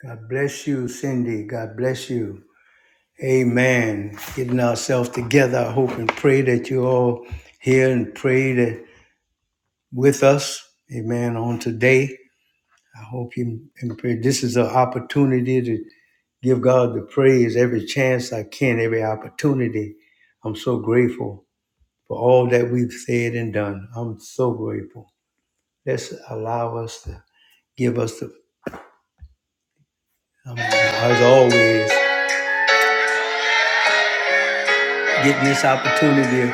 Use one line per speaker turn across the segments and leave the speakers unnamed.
God bless you, Cindy. God bless you. Amen. Getting ourselves together. I hope and pray that you all here and pray that with us. Amen. On today, I hope you and pray. This is an opportunity to give God the praise every chance I can, every opportunity. I'm so grateful for all that we've said and done. I'm so grateful. Let's allow us to give us the, um, as always, getting this opportunity.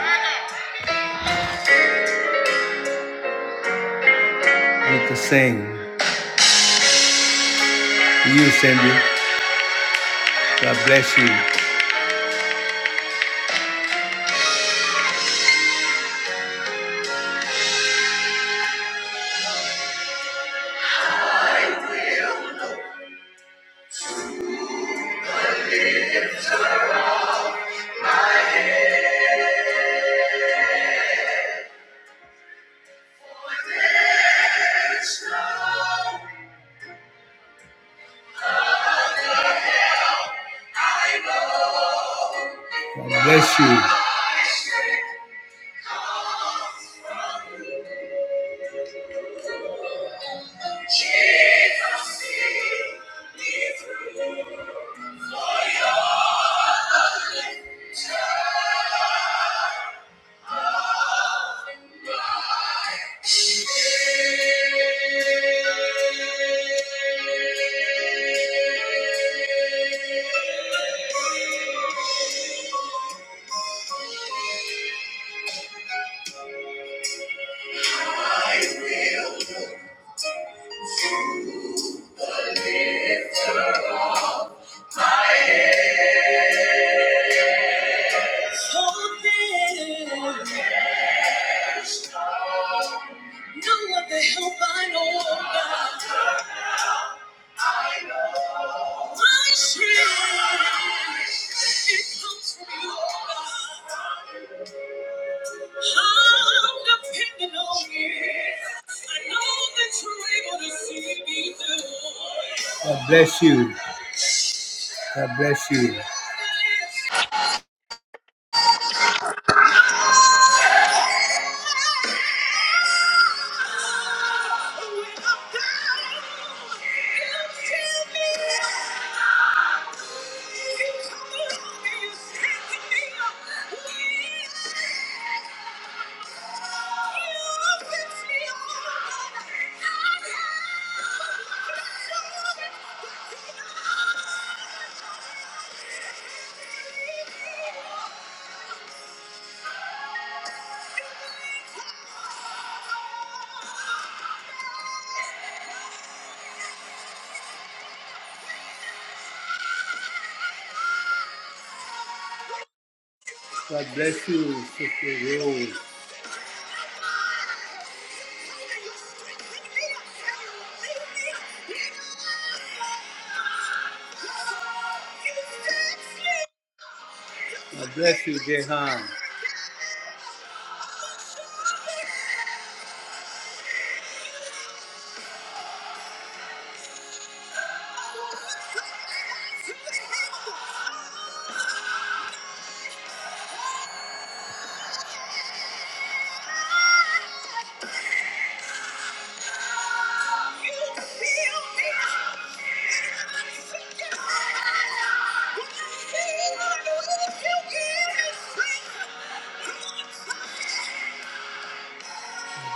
with the sing. To you, Cindy. God bless you. God bless you. It comes from you, oh God. I'm depending on you. I know that you're able to see me through. God bless you. God bless you. God bless you, Sister Rose. God bless you, Jehan.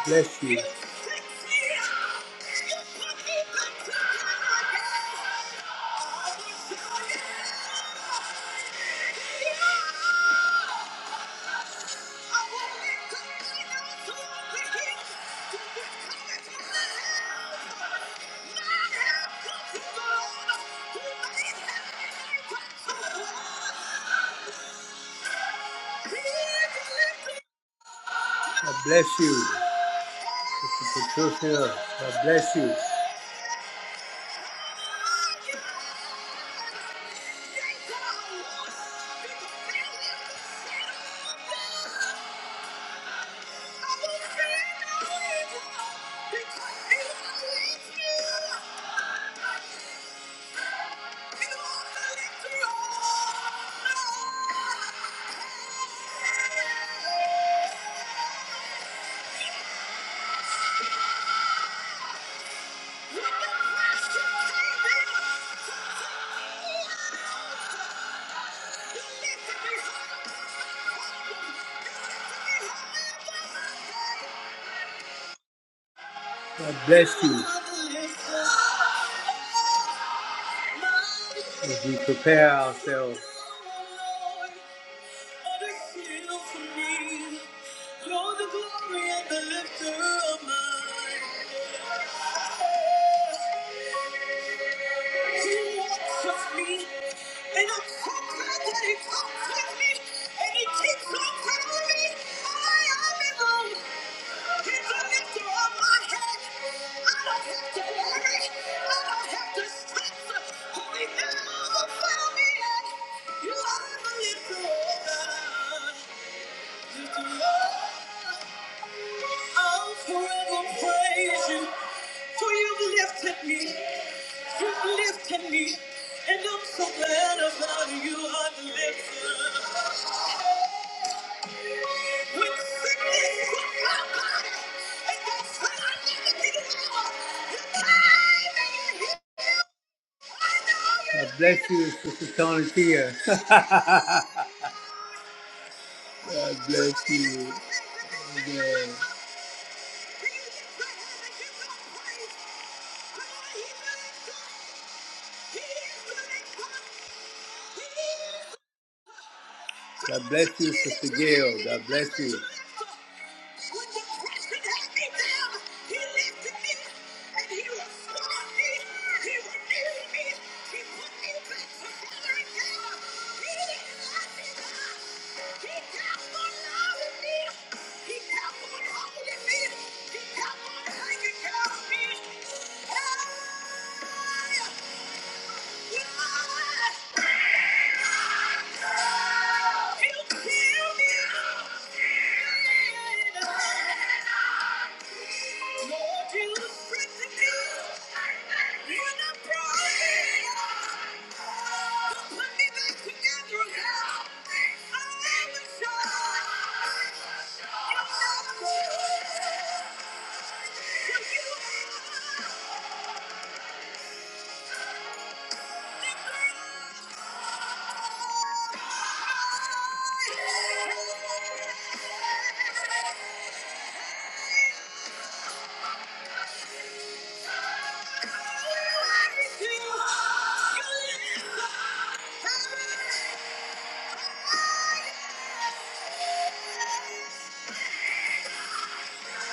Bless you. God bless you, Sister Patricia. God bless you. God bless you as we prepare ourselves. I'll forever praise you, for you've lifted me, you've lifted me, and I'm so glad about you, I'm lifted. God bless you, Sister Tony Tia. God bless you. Amen. God bless you, Sister Gail. God bless you. Yeah. Thank you. Yeah.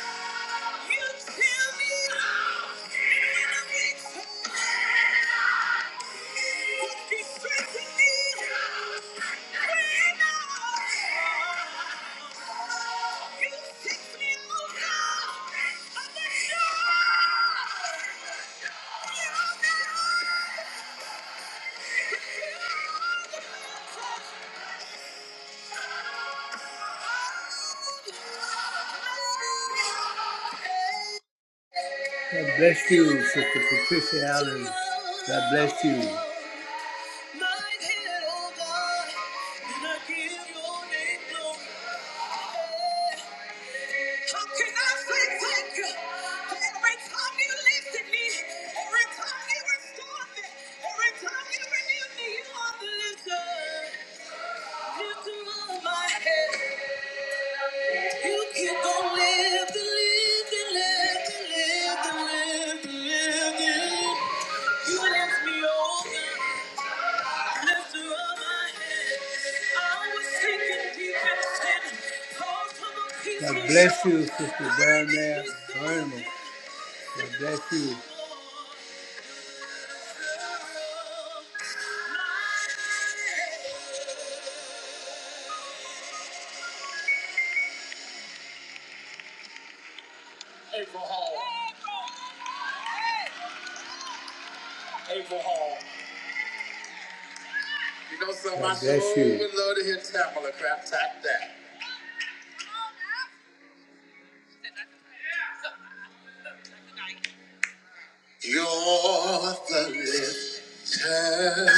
God bless you, Sister Patricia Allen. God bless you. After all I had, I was sinking deep in sin. Far from a peace God bless you, Sister Down there. Vernon. God bless you. April Hall. April Hall. You know something? God I bless sure you. would love to hear Tamala crap tap that. You're the lifter.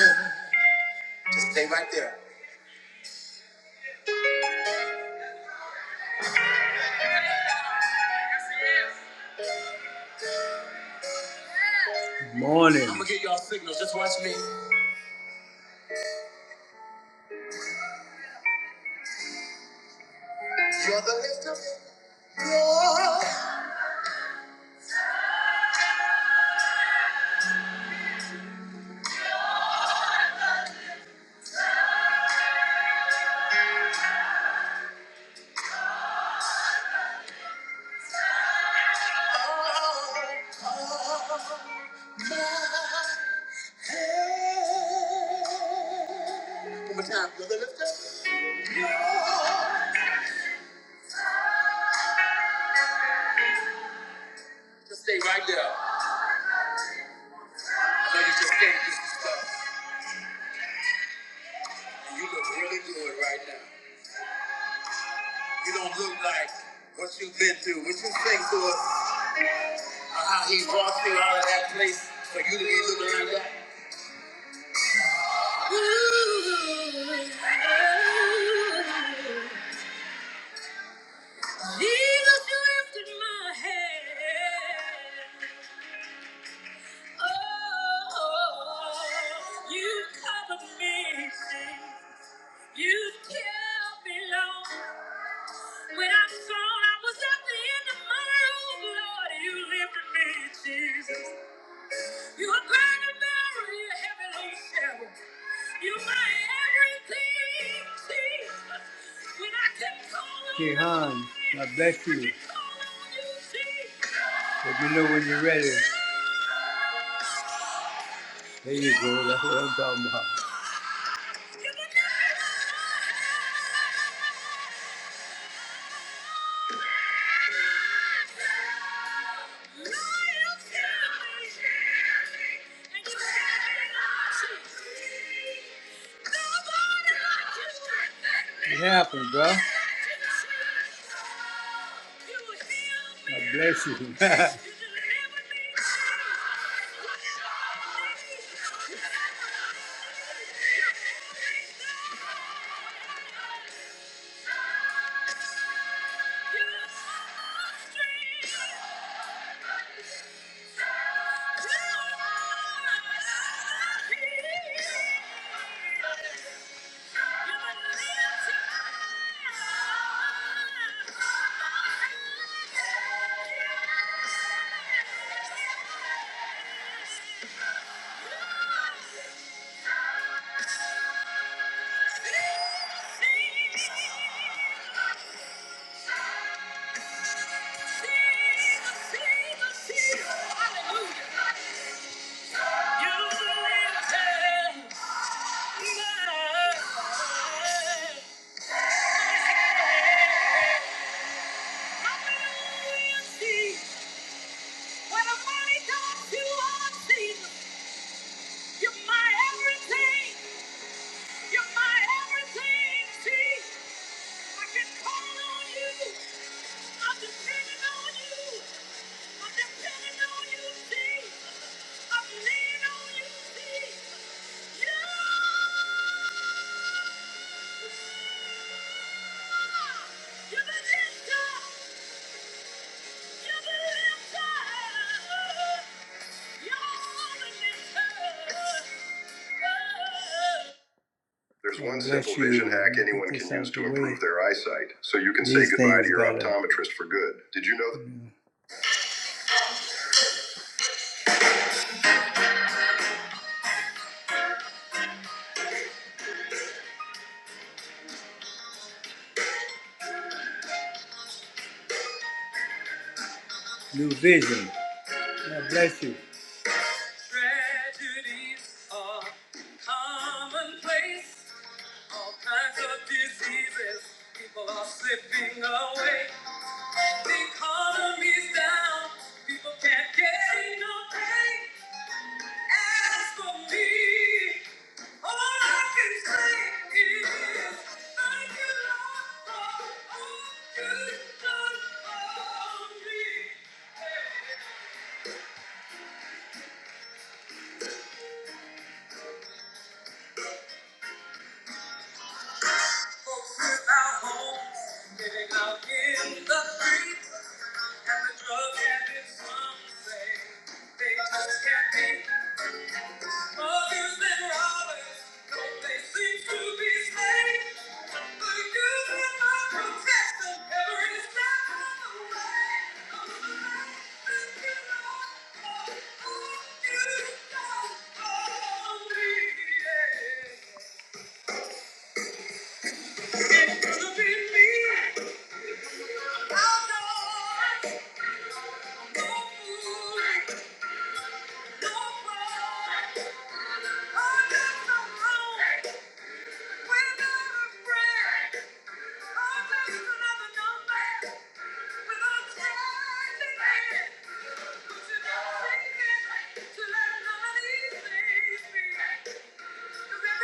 Just stay right there. Morning. I'm gonna get y'all signals. Just watch me. You're the lifter. You're... One more time. You're the lifter. Just stay right there. I know you just came through some stuff, and you look really good right now. You don't look like what you've been through. What you think to us? Or how he brought you out of that place for you to be looking like that? Jesus, you lifted my head. Oh, you covered me. You kept me low when I thought I was at the end of my rope, Lord. You lifted me, Jesus. You are great and better, you heaven on shower. You my everything, Jesus. When I can call on you, Jehan, God bless you. I can call on you, Jesus. Let me know when you're ready. There you go. That's what I'm talking about. It happened, bro. God bless you. Yeah. I'm leaning on you, see. You. There's one simple vision hack anyone can use to improve their eyesight, so you can say goodbye to your optometrist for good. Did you know that? New vision. Prejudice are commonplace. All kinds of diseases. People are slipping away. The down. People can't get enough pay. As for me, all I can say is thank you, Lord, all you've done for me. Folks without homes, living out in the streets, and the drug habits, some say they just can't be. Muggers and robbers, don't they to be slain? But you have my protection every step of the way. I'm glad that you know, oh, oh, you know, oh, me, yeah. It's gonna be me. Outdoors, no food, no fun. I'm just alone. Thank you. Thank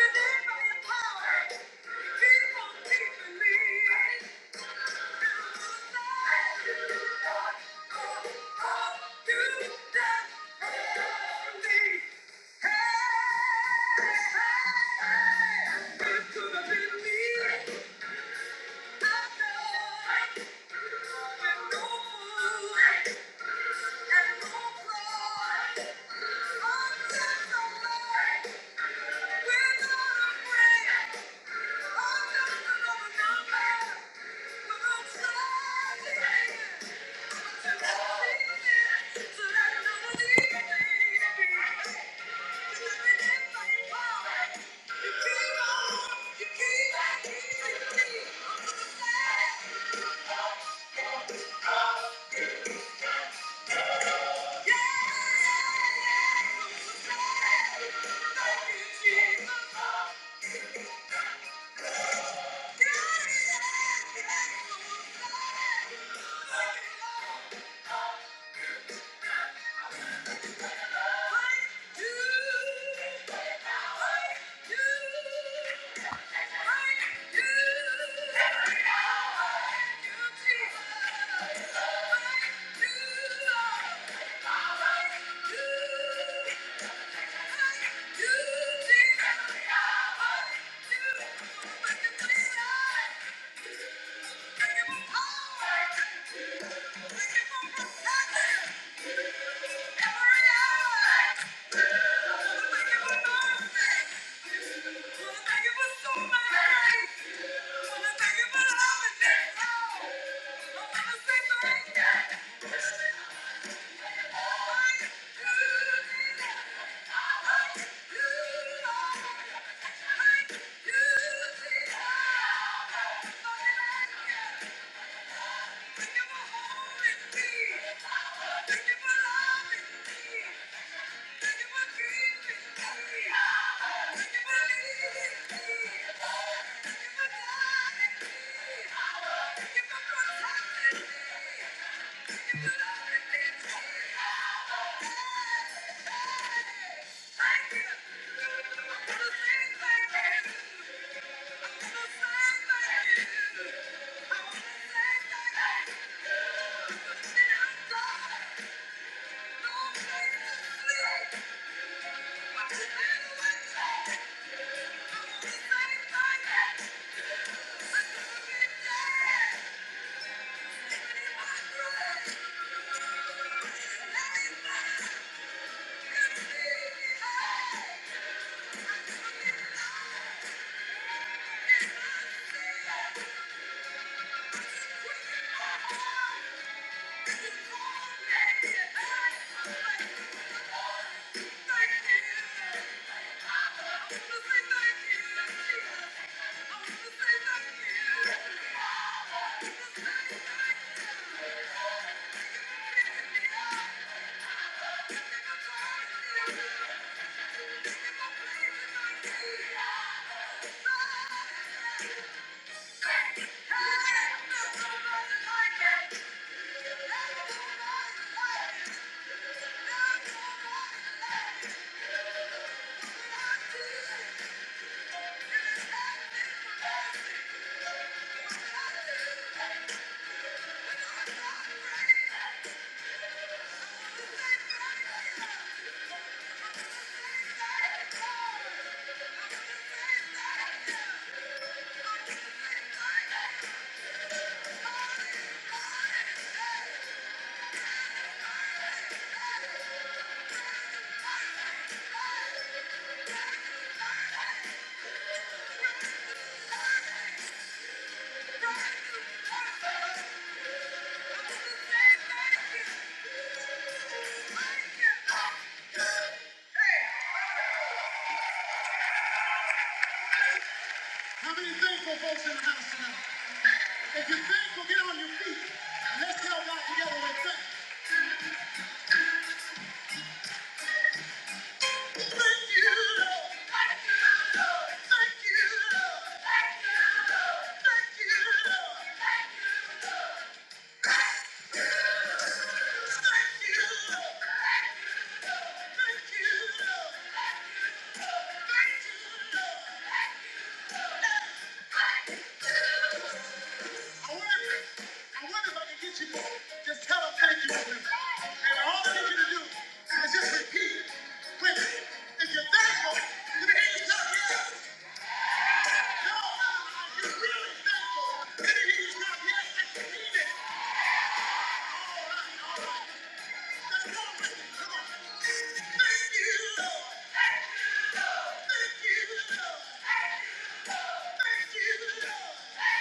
you. Yeah! yeah, yeah. Thank you. Thank you. Thank you. Thank you. Thank you. Thank you. Thank you. Thank you. I want to I wonder if I can get you to just tell them thank you with me. And all I need you to do is just repeat with me. If you're thankful, then he is not yet. No, no, are you really thankful? Then he is not yet. And you mean it. All right, let's go with it. Come on. Thank you, Lord. Thank you, Lord. Thank you, Lord. Thank you, Lord.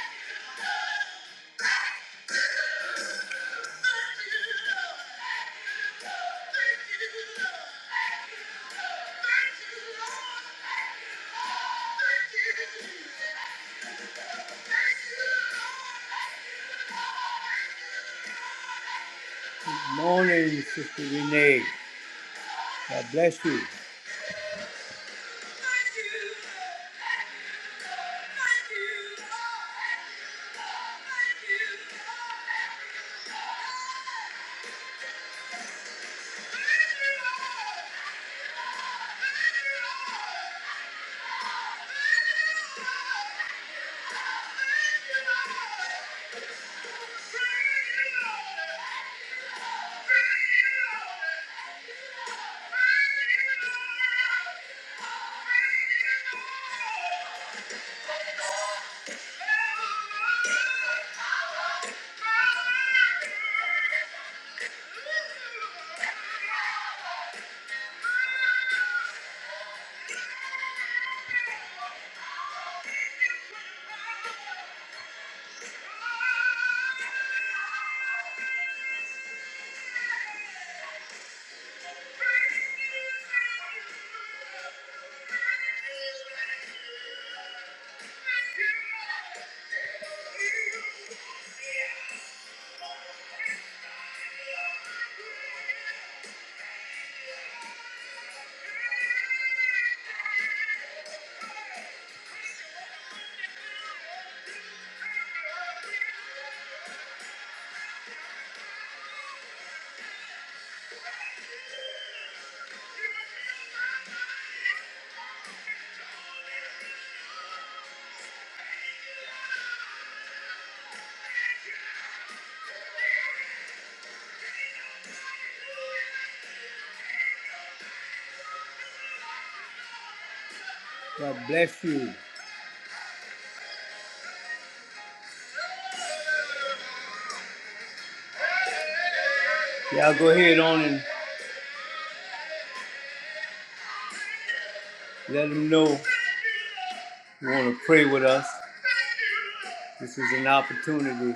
Morning, Sister God bless you. Thank you. God bless you. Y'all go ahead on and let them know. you want to pray with us, this is an opportunity.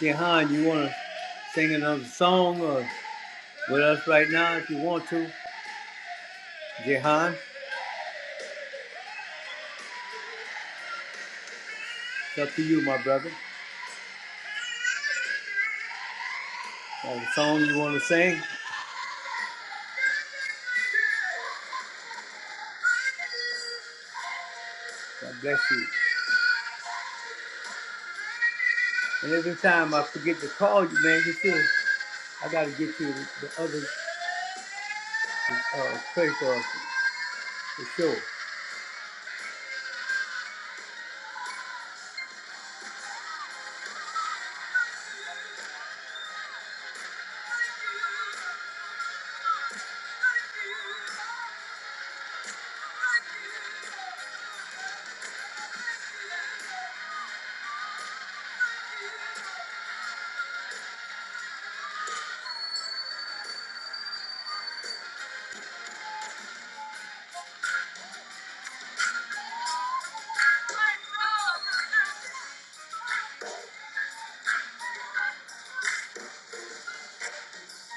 Jehan, you want to sing another song or with us right now if you want to? Jehan? It's up to you, my brother. Got a song you want to sing? God bless you. And every time I forget to call you, man, you see, I got to get you the other uh, pray for us for sure.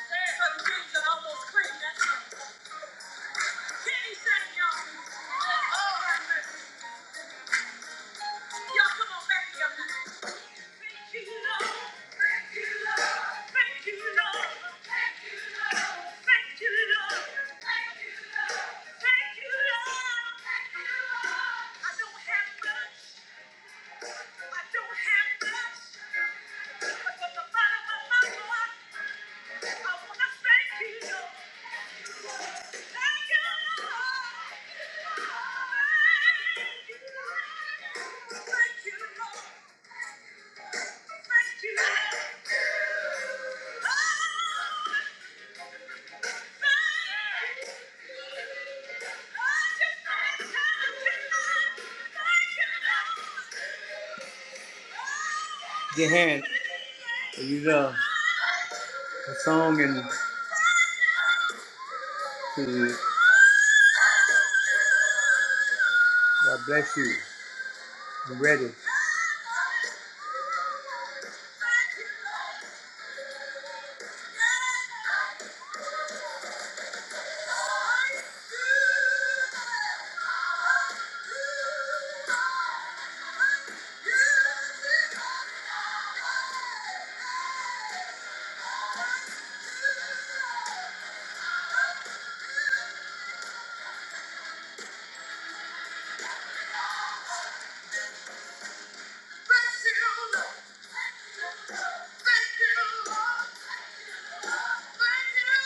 Thank you. Lord. I don't have much. I don't have much, but from the bottom of my heart, I wanna thank you, Lord. Thank you, Lord. Thank you, Lord. Thank you, Lord. Thank you, Lord your hand. You love the song and to God bless you. I'm ready.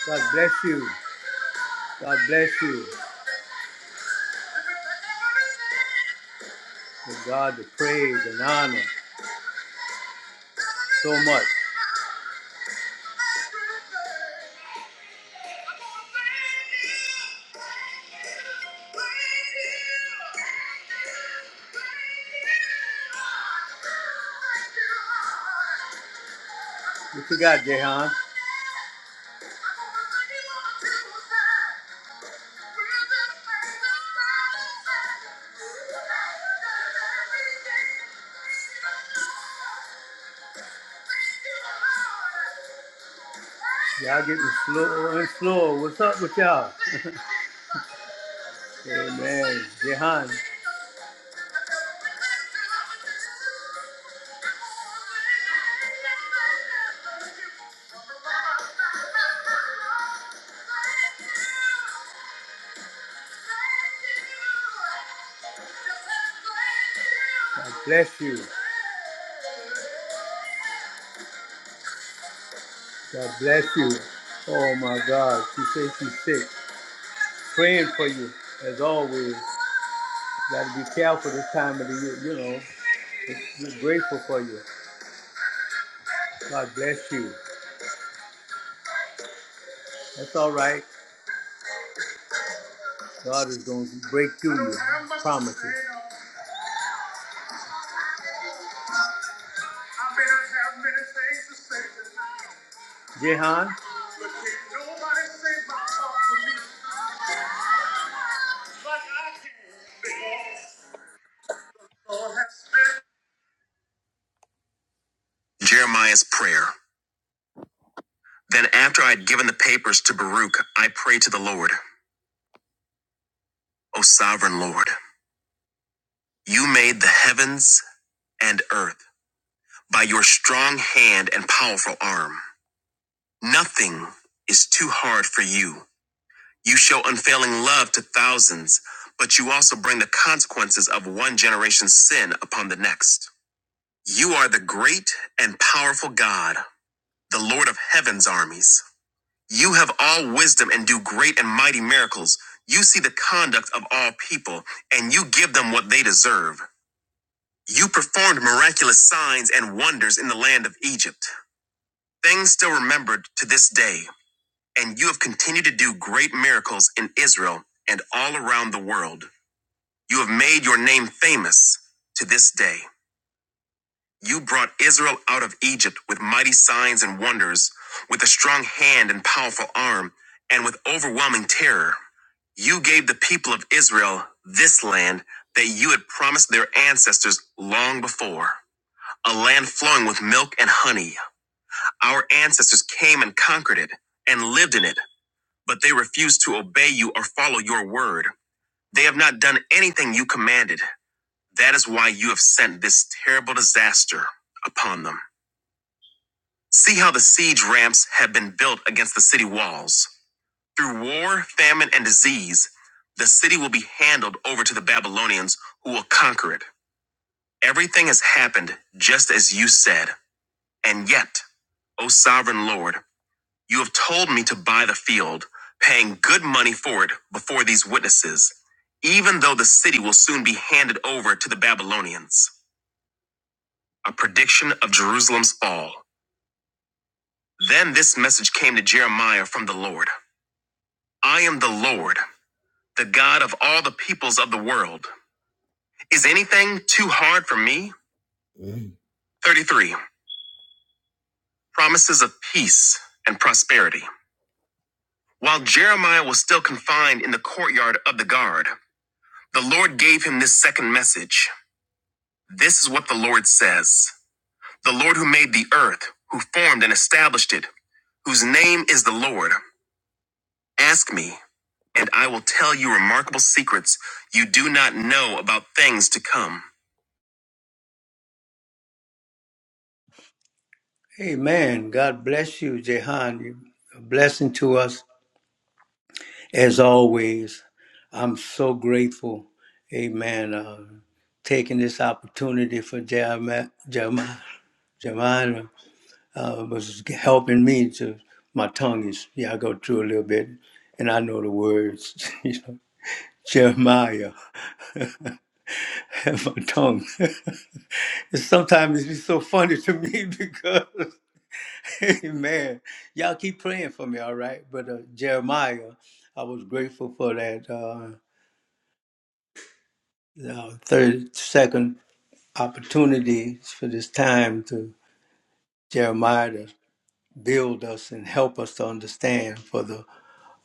God bless you. God bless you. Give God the praise and honor so much. What you got, Jehan? Y'all getting slow and slow. What's up with y'all? Amen. Jehan. God bless you. God bless you. Oh my God. She says she's sick. Praying for you as always. Gotta be careful this time of the year, you know. We're grateful for you. God bless you. That's all right. God is going to break through you. Promises. Jehan?
Jeremiah's prayer. Then, after I had given the papers to Baruch, I prayed to the Lord, O sovereign Lord. You made the heavens and earth by your strong hand and powerful arm. Nothing is too hard for you. You show unfailing love to thousands, but you also bring the consequences of one generation's sin upon the next. You are the great and powerful God, the Lord of heaven's armies. You have all wisdom and do great and mighty miracles. You see the conduct of all people, and you give them what they deserve. You performed miraculous signs and wonders in the land of Egypt, things still remembered to this day, and you have continued to do great miracles in Israel and all around the world. You have made your name famous to this day. You brought Israel out of Egypt with mighty signs and wonders, with a strong hand and powerful arm, and with overwhelming terror. You gave the people of Israel this land that you had promised their ancestors long before, a land flowing with milk and honey. Our ancestors came and conquered it and lived in it, but they refused to obey you or follow your word. They have not done anything you commanded. That is why you have sent this terrible disaster upon them. See how the siege ramps have been built against the city walls. Through war, famine, and disease, the city will be handed over to the Babylonians who will conquer it. Everything has happened just as you said. And yet, O sovereign Lord, you have told me to buy the field, paying good money for it before these witnesses, even though the city will soon be handed over to the Babylonians. A prediction of Jerusalem's fall. Then this message came to Jeremiah from the Lord. I am the Lord, the God of all the peoples of the world. Is anything too hard for me? Mm. 33. Promises of peace and prosperity. While Jeremiah was still confined in the courtyard of the guard, the Lord gave him this second message. This is what the Lord says The Lord who made the earth, who formed and established it, whose name is the Lord. Ask me, and I will tell you remarkable secrets you do not know about things to come.
Amen. God bless you, Jehan. You're a blessing to us as always. I'm so grateful. Amen. Uh, taking this opportunity for Jeremiah, Jeremiah uh, was helping me to my tongue is yeah I go through a little bit and I know the words you know Jeremiah have my tongue and sometimes it's so funny to me because man y'all keep praying for me all right but uh, Jeremiah I was grateful for that uh, uh, thirty second opportunity for this time to Jeremiah to build us and help us to understand for the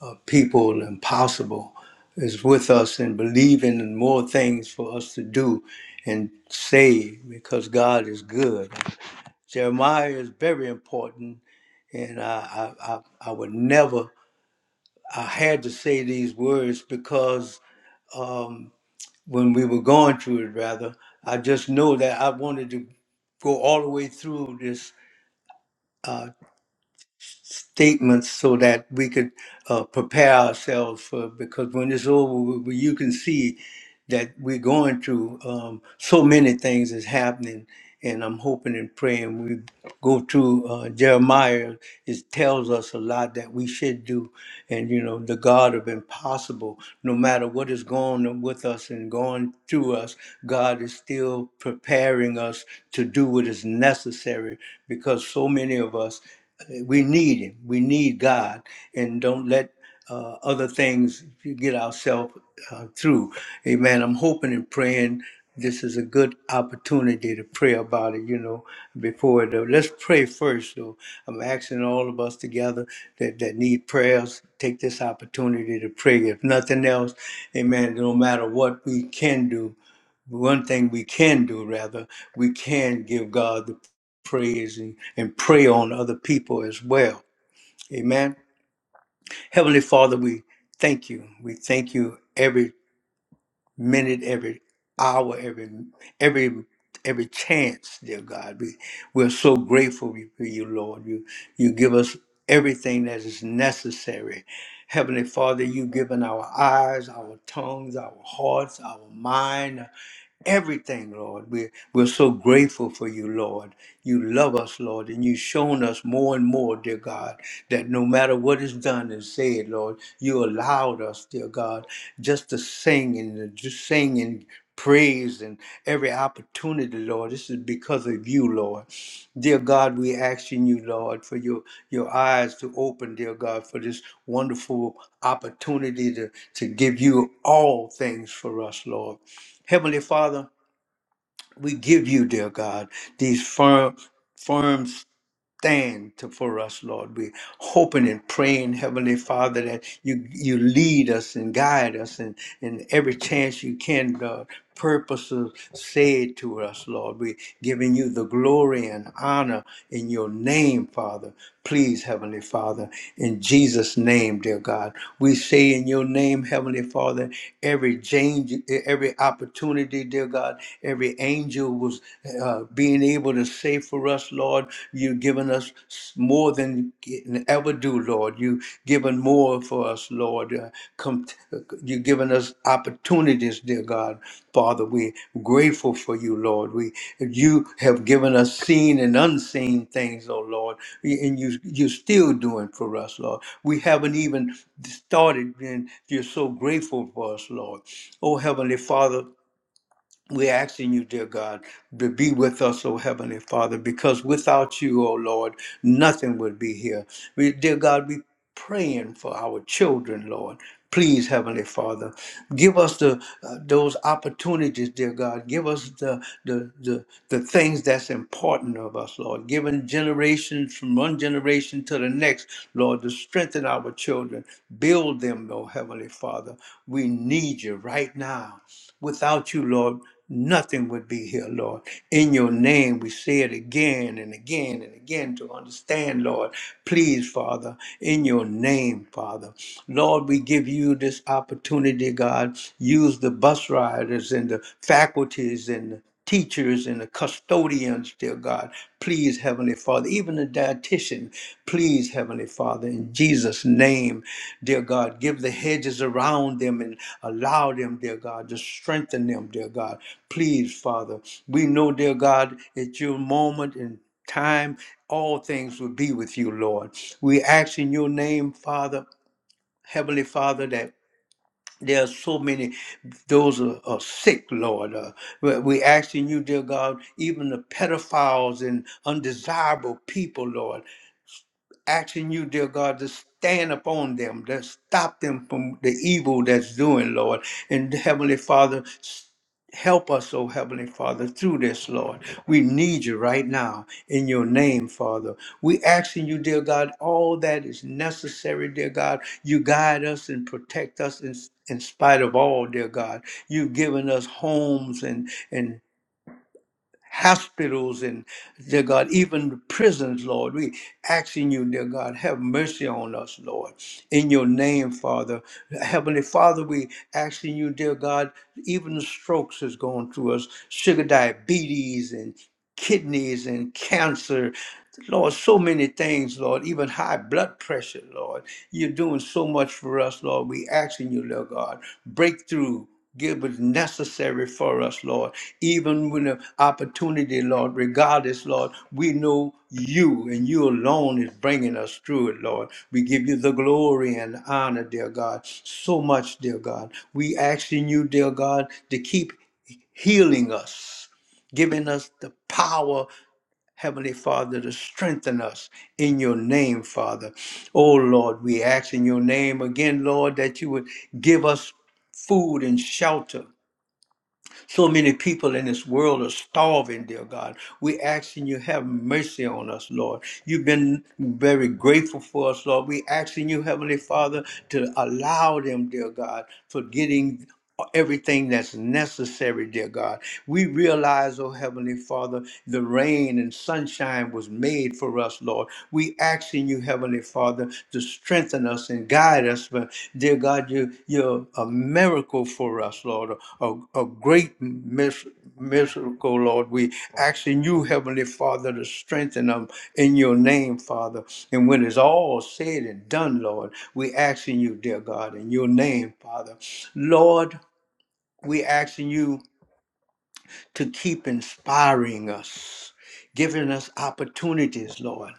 of people and possible is with us and believing in more things for us to do and say because God is good. Jeremiah is very important, and I I, I, I would never I had to say these words because um, when we were going through it, rather, I just know that I wanted to go all the way through this uh, statement so that we could uh, prepare ourselves for because when it's over, we, we- you can see that we're going through. Um, so many things is happening, and I'm hoping and praying we go through uh, Jeremiah. It tells us a lot that we should do, and you know, the God of impossible. No matter what is going on with us and going through us, God is still preparing us to do what is necessary because so many of us uh, we need him. We need God, and don't let uh, other things to get ourselves uh, through. Amen. I'm hoping and praying this is a good opportunity to pray about it, you know, before it. uh, Let's pray first. So I'm asking all of us together that, that need prayers, take this opportunity to pray. If nothing else, amen, no matter what we can do, one thing we can do, rather, we can give God the praise and, and pray on other people as well. Amen. Heavenly Father, we thank you. We thank you every minute, every hour, every every every chance, dear God. We we're so grateful for you, Lord. You you give us everything that is necessary. Heavenly Father, you've given our eyes, our tongues, our hearts, our mind everything, Lord. We're, we're so grateful for you, Lord. You love us, Lord, and you've shown us more and more, dear God, that no matter what is done and said, Lord, you allowed us, dear God, just to sing and to just sing and praise and every opportunity, Lord. This is because of you, Lord. Dear God, we asking you, Lord, for your, your eyes to open, dear God, for this wonderful opportunity to, to give you all things for us, Lord. Heavenly Father, we give you, dear God, these firm, firm stand to, for us, Lord. We're hoping and praying, Heavenly Father, that you you lead us and guide us and, and every chance you can, Lord. Purposes said to us, Lord. We're giving you the glory and honor in your name, Father. Please, Heavenly Father, in Jesus' name, dear God, we say in your name, Heavenly Father, every change, every opportunity, dear God, every angel was uh, uh, being able to say for us, Lord, you've given us more than you can ever do, Lord. You've given more for us, Lord. Uh, com- you've given us opportunities, dear God. Father, we're grateful for you, Lord. We, you have given us seen and unseen things, oh Lord, and you, you're still doing for us, Lord. We haven't even started, and you're so grateful for us, Lord. Oh, Heavenly Father, we're asking you, dear God, to be with us, O Heavenly Father, because without you, O Lord, nothing would be here. We, dear God, we praying for our children, Lord. Please, Heavenly Father, give us the uh, those opportunities, dear God. Give us the, the the the things that's important of us, Lord. Giving generations from one generation to the next, Lord, to strengthen our children, build them, O Heavenly Father. We need you right now. Without you, Lord, nothing would be here, Lord. In your name, we say it again and again and again to understand, Lord. Please, Father, in your name, Father. Lord, we give you this opportunity, God. Use the bus riders and the faculties and teachers and the custodians, dear God. Please, Heavenly Father, even the dietitian, please, Heavenly Father, in Jesus' name, dear God, give the hedges around them and allow them, dear God, to strengthen them, dear God. Please, Father, we know, dear God, at your moment and time, all things will be with you, Lord. We ask in your name, Father, Heavenly Father, that there are so many, those are, are sick, Lord. Uh, we- we're asking you, dear God, even the pedophiles and undesirable people, Lord asking you, dear God, to stand upon them, to stop them from the evil that's doing, Lord. And Heavenly Father, help us, oh Heavenly Father, through this, Lord. We need you right now in your name, Father. We asking you, dear God, all that is necessary, dear God. You guide us and protect us in, in spite of all, dear God. You've given us homes and and hospitals and dear God, even prisons, Lord. We asking you, dear God, have mercy on us, Lord. In your name, Father. Heavenly Father, we asking you, dear God, even the strokes is going through us, sugar diabetes and kidneys and cancer. Lord, so many things, Lord, even high blood pressure, Lord. You're doing so much for us, Lord. We asking you, Lord God, breakthrough. Give what's necessary for us us, Lord. Even when the opportunity, Lord, regardless, Lord, we know you and you alone is bringing us through it, Lord. We give you the glory and honor, dear God. So much, dear God. We asking you, dear God, to keep healing us, giving us the power, Heavenly Father, to strengthen us in your name, Father. Oh, Lord, we ask in your name again, Lord, that you would give us food and shelter so many people in this world are starving, dear God. We asking you have mercy on us, Lord. You've been very grateful for us, Lord. We asking you, Heavenly Father, to allow them, dear God, for getting everything that's necessary, dear God. We realize, oh Heavenly Father, the rain and sunshine was made for us, Lord. We asking you, Heavenly Father, to strengthen us and guide us. But dear God, you, you're a miracle for us, Lord, a, a great mis- miracle, Lord. We asking you, Heavenly Father, to strengthen them in your name, Father. And when it's all said and done, Lord, we asking you, dear God, in your name, Father. Lord, we asking you to keep inspiring us, giving us opportunities, Lord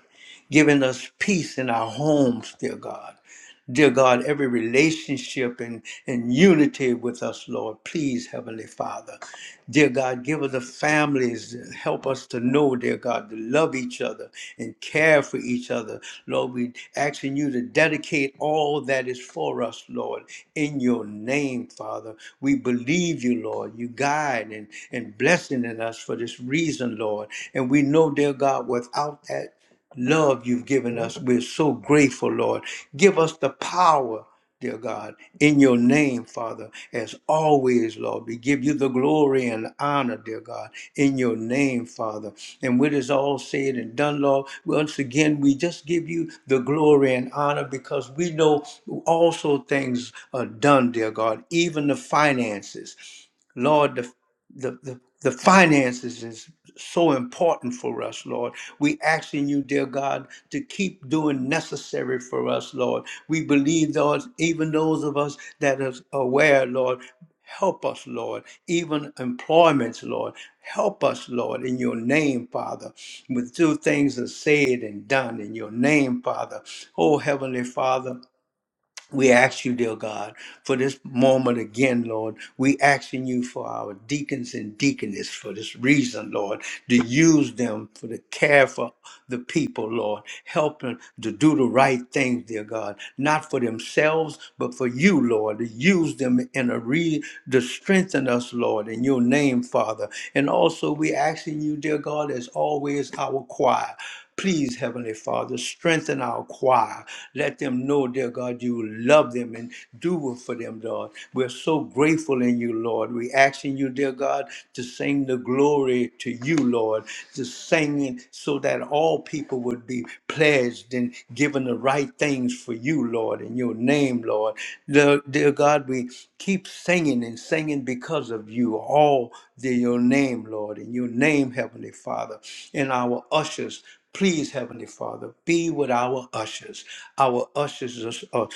giving us peace in our homes, dear God. Dear God, every relationship and, and unity with us, Lord, please, Heavenly Father. Dear God, give us the families, help us to know, dear God, to love each other and care for each other. Lord, we asking you to dedicate all that is for us, Lord, in your name, Father. We believe you, Lord. You guide and, and blessing in us for this reason, Lord. And we know, dear God, without that, love you've given us. We're so grateful, Lord. Give us the power, dear God, in your name, Father, as always, Lord. We give you the glory and honor, dear God, in your name, Father. And when it's all said and done, Lord, once again, we just give you the glory and honor because we know also things are done, dear God, even the finances. Lord, the the, the, the finances is so important for us, Lord. We asking you, dear God, to keep doing necessary for us, Lord. We believe those, even those of us that are aware, Lord, help us, Lord. Even employments, Lord, help us, Lord, in your name, Father. With two things are said and done in your name, Father. Oh, Heavenly Father. We ask you, dear God, for this moment again, Lord. We asking you for our deacons and deaconess for this reason, Lord, to use them for the care for the people, Lord. Help them to do the right things, dear God, not for themselves, but for you, Lord. To use them in a re to strengthen us, Lord, in your name, Father. And also we asking you, dear God, as always, our choir. Please, Heavenly Father, strengthen our choir. Let them know, dear God, you love them and do it for them, Lord. We're so grateful in you, Lord. We asking you, dear God, to sing the glory to you, Lord, to sing it so that all people would be pledged and given the right things for you, Lord, in your name, Lord. Dear, dear God, we keep singing and singing because of you, all dear your name, Lord, in your name, Heavenly Father, and our ushers. Please, Heavenly Father, be with our ushers. Our ushers are are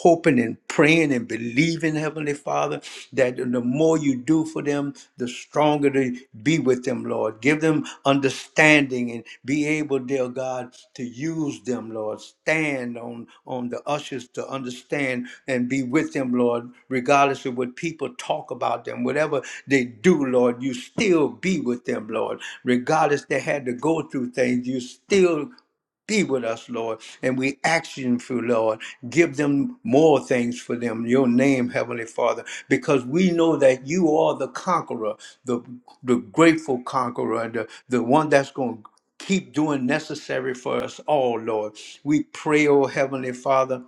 hoping and praying and believing, Heavenly Father, that the more you do for them, the stronger they be with them, Lord. Give them understanding and be able, they'll Lord God, to use them, Lord. Stand on, on the ushers to understand and be with them, Lord, regardless of what people talk about them. Whatever they do, Lord, you still be with them, Lord. Regardless they had to go through things, you still be with us, Lord. And we action for Lord. Give them more things for them. Your name, Heavenly Father, because we know that you are the conqueror, the the grateful conqueror, the, the one that's going to keep doing necessary for us all, Lord. We pray, oh Heavenly Father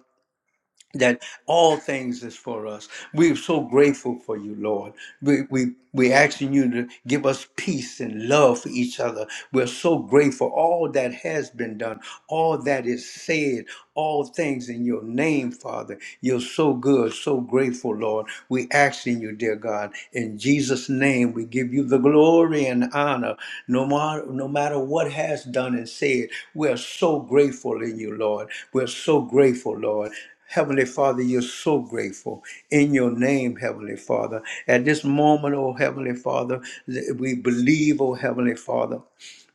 that all things is for us. We're so grateful for you, Lord. We we we asking you to give us peace and love for each other. We're so grateful. All that has been done, all that is said, all things in your name, Father. You're so good, so grateful, Lord. We asking you, dear God, in Jesus' name, we give you the glory and honor. No matter no matter what has done and said, we're so grateful in you, Lord. We're so grateful, Lord. Heavenly Father, you're so grateful. In your name, Heavenly Father. At this moment, oh Heavenly Father, th- we believe, oh Heavenly Father.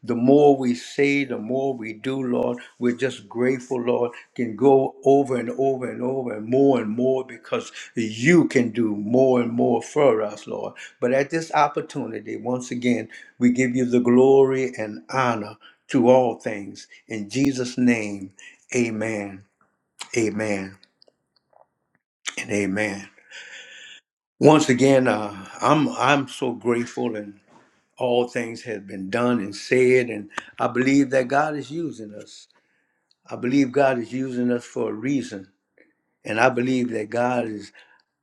The more we say, the more we do, Lord. We're just grateful, Lord. Can go over and over and over and more and more because you can do more and more for us, Lord. But at this opportunity, once again, we give you the glory and honor to all things. In Jesus' name, amen. Amen and amen. Once again, uh, I'm I'm so grateful, and all things have been done and said, and I believe that God is using us. I believe God is using us for a reason, and I believe that God is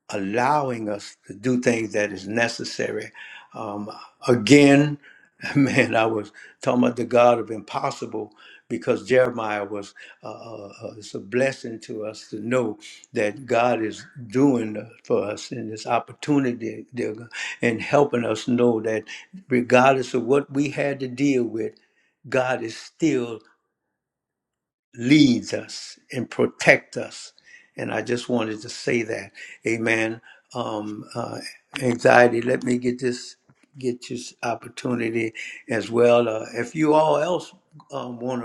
allowing us to do things that is necessary. Um, again, man, I was talking about the God of impossible because Jeremiah was uh, uh, uh, it's a blessing to us to know that God is doing for us in this opportunity dear God, and helping us know that regardless of what we had to deal with, God is still leads us and protect us. And I just wanted to say that. Amen. Um, uh, anxiety, let me get this, get this opportunity as well. Uh, if you all else um, want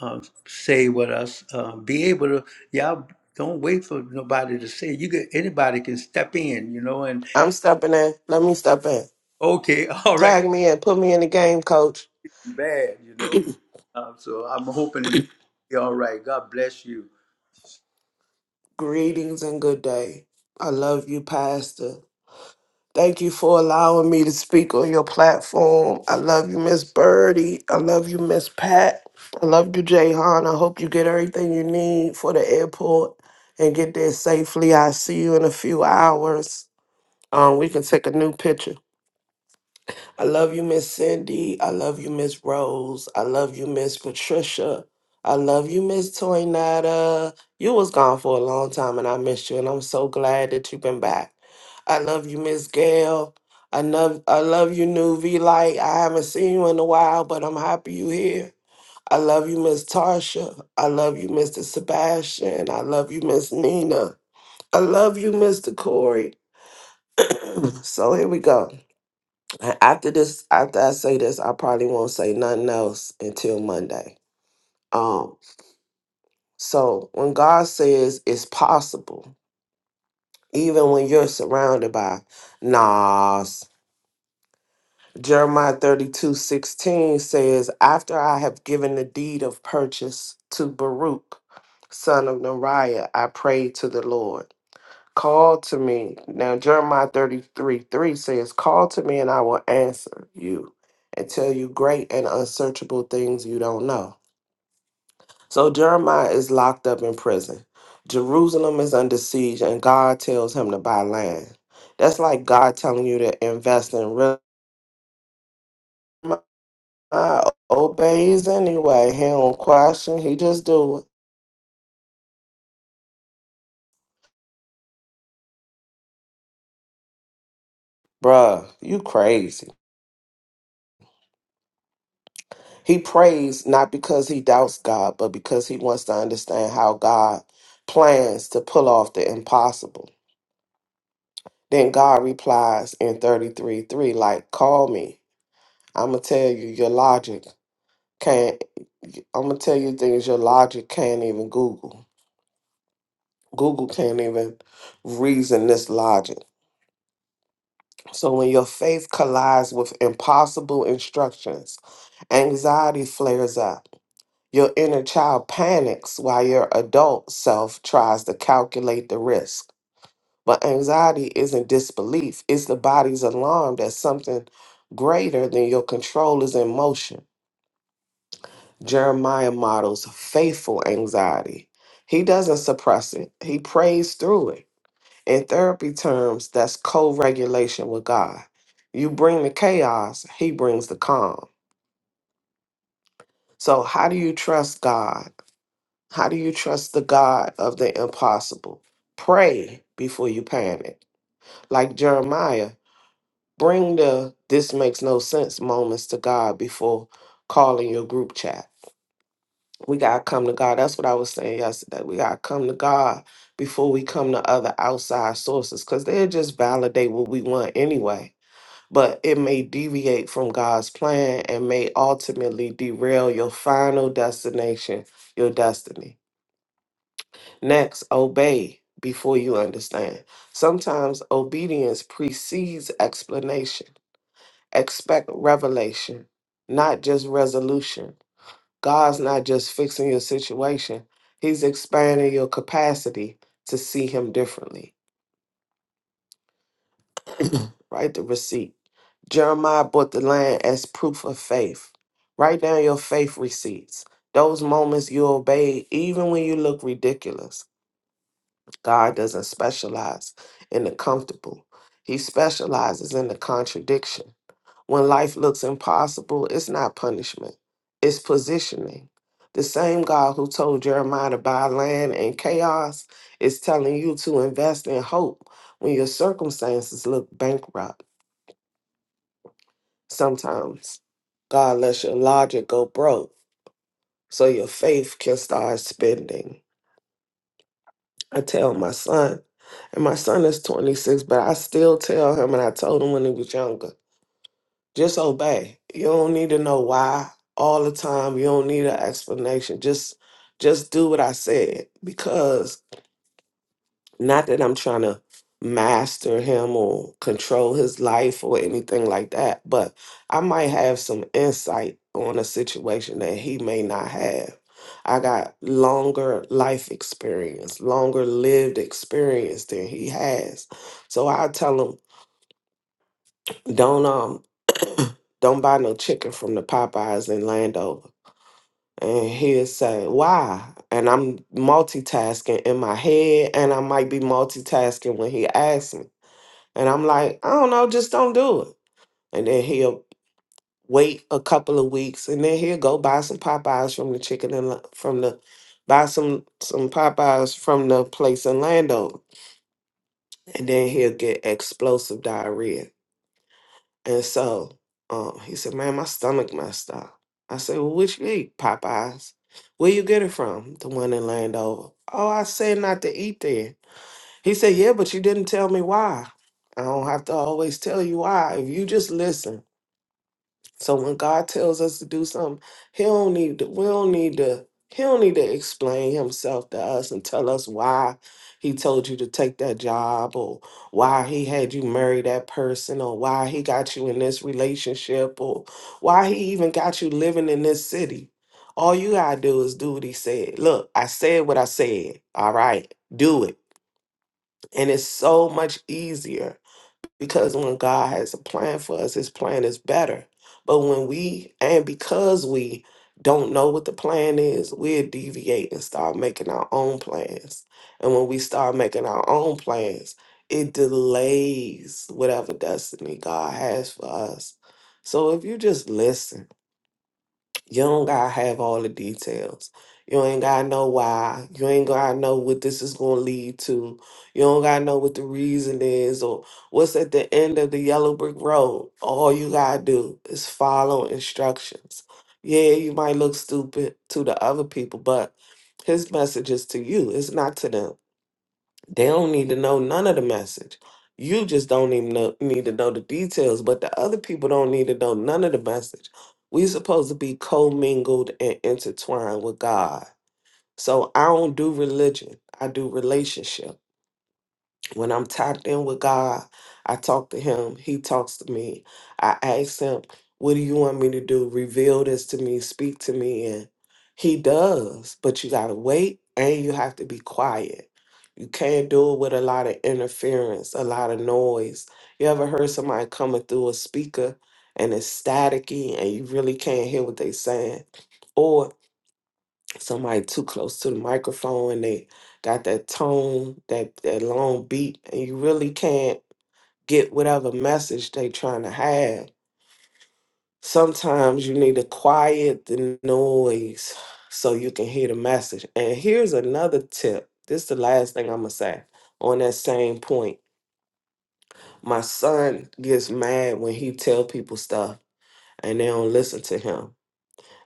to um, say with us, uh, be able to, y'all don't wait for nobody to say, you get, anybody can step in, you know, and
I'm stepping in. Let me step in.
okay, all right,
Tag me in. Put me in the game, coach.
bad, you know. Um, so I'm hoping it be all right. God bless you.
Greetings and good day. I love you, Pastor. Thank you for allowing me to speak on your platform. I love you, Miss Birdie. I love you, Miss Pat. I love you, Jay I hope you get everything you need for the airport and get there safely. I see you in a few hours. Um, we can take a new picture. I love you, Miss Cindy. I love you, Miss Rose. I love you, Miss Patricia. I love you, Miss Toynata. You was gone for a long time and I missed you, and I'm so glad that you've been back. I love you, Miss Gail. I love I love you, new V Light. I haven't seen you in a while, but I'm happy you here. I love you, Miss Tarsha. I love you, Mr. Sebastian. I love you, Miss Nina. I love you, Mr. Corey. So here we go. And after this, after I say this, I probably won't say nothing else until Monday. Um, so when God says it's possible, even when you're surrounded by nas, Jeremiah 32 16 says, After I have given the deed of purchase to Baruch, son of Neriah, I prayed to the Lord. Call to me. Now, Jeremiah 33 3 says, Call to me and I will answer you and tell you great and unsearchable things you don't know. So, Jeremiah is locked up in prison. Jerusalem is under siege, and God tells him to buy land. That's like God telling you to invest in real. Jeremiah obeys anyway. He don't question. He just do it. Bruh, you crazy. He prays not because he doubts God, but because he wants to understand how God plans to pull off the impossible. Then God replies in 33 3, like, call me. I'm going to tell you your logic can't, I'm going to tell you things your logic can't even Google. Google can't even reason this logic. So when your faith collides with impossible instructions, anxiety flares up. Your inner child panics while your adult self tries to calculate the risk. But anxiety isn't disbelief, it's the body's alarm that something greater than your control is in motion. Jeremiah models faithful anxiety. He doesn't suppress it, he prays through it. In therapy terms, that's co regulation with God. You bring the chaos, he brings the calm. So, how do you trust God? How do you trust the God of the impossible? Pray before you panic. Like Jeremiah, bring the this makes no sense moments to God before calling your group chat. We got to come to God. That's what I was saying yesterday. We got to come to God before we come to other outside sources because they'll just validate what we want anyway. But it may deviate from God's plan and may ultimately derail your final destination, your destiny. Next, obey before you understand. Sometimes obedience precedes explanation. Expect revelation, not just resolution. God's not just fixing your situation, He's expanding your capacity to see Him differently. Write the receipt. Jeremiah bought the land as proof of faith. Write down your faith receipts, those moments you obeyed, even when you look ridiculous God doesn't specialize in the comfortable, He specializes in the contradiction. When life looks impossible, it's not punishment, it's positioning. The same God who told Jeremiah to buy land in chaos is telling you to invest in hope when your circumstances look bankrupt. Sometimes God lets your logic go broke so your faith can start spending. I tell my son, and my son is 26, but I still tell him, and I told him when he was younger, just obey. You don't need to know why all the time. You don't need an explanation. Just, just do what I said because not that I'm trying to master him or control his life or anything like that, but I might have some insight on a situation that he may not have. I got longer life experience, longer lived experience than he has. So I tell him, don't um don't buy no chicken from the Popeyes in Landover. And he'll say, Why? And I'm multitasking in my head, and I might be multitasking when he asks me. And I'm like, I don't know, just don't do it. And then he'll wait a couple of weeks, and then he'll go buy some Popeyes from the chicken and from the buy some some Popeyes from the place in Lando, and then he'll get explosive diarrhea. And so um, he said, "Man, my stomach messed up." I said, "Well, which you eat Popeyes? Where you get it from? The one in Landover?" Oh, I said not to eat there. He said, "Yeah, but you didn't tell me why." I don't have to always tell you why. If you just listen So when God tells us to do something, He don't need to, we don't need to, He don't need to explain Himself to us and tell us why He told you to take that job or why He had you marry that person or why He got you in this relationship or why He even got you living in this city. All you gotta do is do what He said. Look, I said what I said. All right, do it. And it's so much easier because when God has a plan for us, his plan is better. But when we, and because we don't know what the plan is, we'll deviate and start making our own plans. And when we start making our own plans, it delays whatever destiny God has for us. So if you just listen, you don't gotta have all the details. You ain't gotta know why. You ain't gotta know what this is gonna lead to. You don't gotta know what the reason is or what's at the end of the yellow brick road. All you gotta do is follow instructions. Yeah, you might look stupid to the other people, but his message is to you, it's not to them. They don't need to know none of the message. You just don't even know, need to know the details, but the other people don't need to know none of the message. We're supposed to be commingled and intertwined with God. So I don't do religion. I do relationship. When I'm tapped in with God, I talk to Him. He talks to me. I ask Him, What do you want me to do? Reveal this to me, speak to me. And He does, but you got to wait and you have to be quiet. You can't do it with a lot of interference, a lot of noise. You ever heard somebody coming through a speaker and it's staticky and you really can't hear what they're saying? somebody too close to the microphone and they got that tone, that, that long beat, and you really can't get whatever message they trying to have. Sometimes you need to quiet the noise so you can hear the message. And here's another tip. This is the last thing I'm gonna say on that same point. My son gets mad when he tell people stuff and they don't listen to him.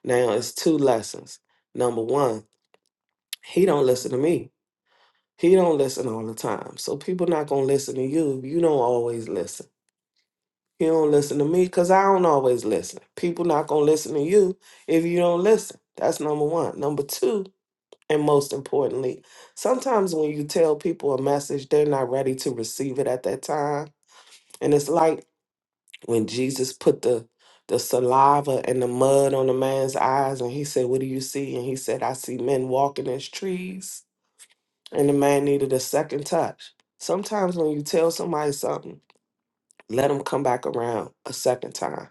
Now it's two lessons. Number one, he don't listen to me He don't listen all the time. So people not gonna listen to you. You don't always listen. You don't listen to me because I don't always listen. People not gonna listen to you if you don't listen. That's number one. Number two, and most importantly, sometimes when you tell people a message, they're not ready to receive it at that time. And it's like when Jesus put the the saliva and the mud on the man's eyes and he said, What do you see? And he said, I see men walking as trees and the man needed a second touch. Sometimes when you tell somebody something, let them come back around a second time.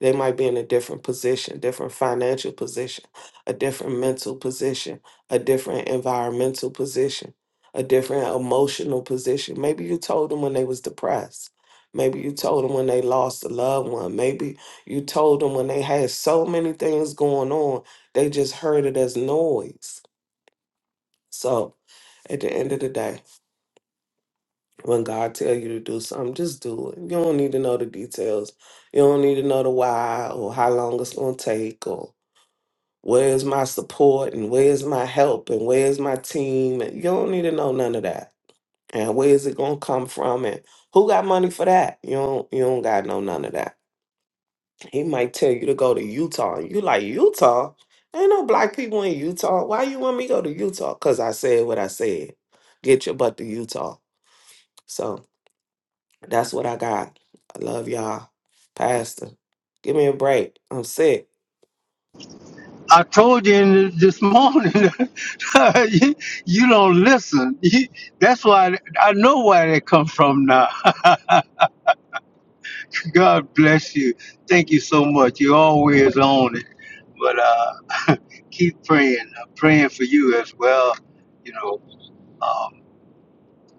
They might be in a different position, different financial position, a different mental position, a different environmental position, a different emotional position. Maybe you told them when they was depressed. Maybe you told them when they lost a loved one. Maybe you told them when they had so many things going on, they just heard it as noise. So at the end of the day. when God tell you to do something, just do it. You don't need to know the details. You don't need to know the why or how long it's gonna take or where's my support and where's my help and where's my team. And you don't need to know none of that. And where is it gonna come from and who got money for that? You don't you don't gotta know none of that. He might tell you to go to Utah. and You like Utah? Ain't no black people in Utah. Why you want me to go to Utah? Cause I said what I said. Get your butt to Utah. So That's what I got. I love y'all. Pastor, give me a break. I'm sick.
I told you this morning, you, you don't listen. You, that's why I know where they come from now. God bless you. Thank you so much. You're always on it. But uh, keep praying. I'm praying for you as well, you know. Um,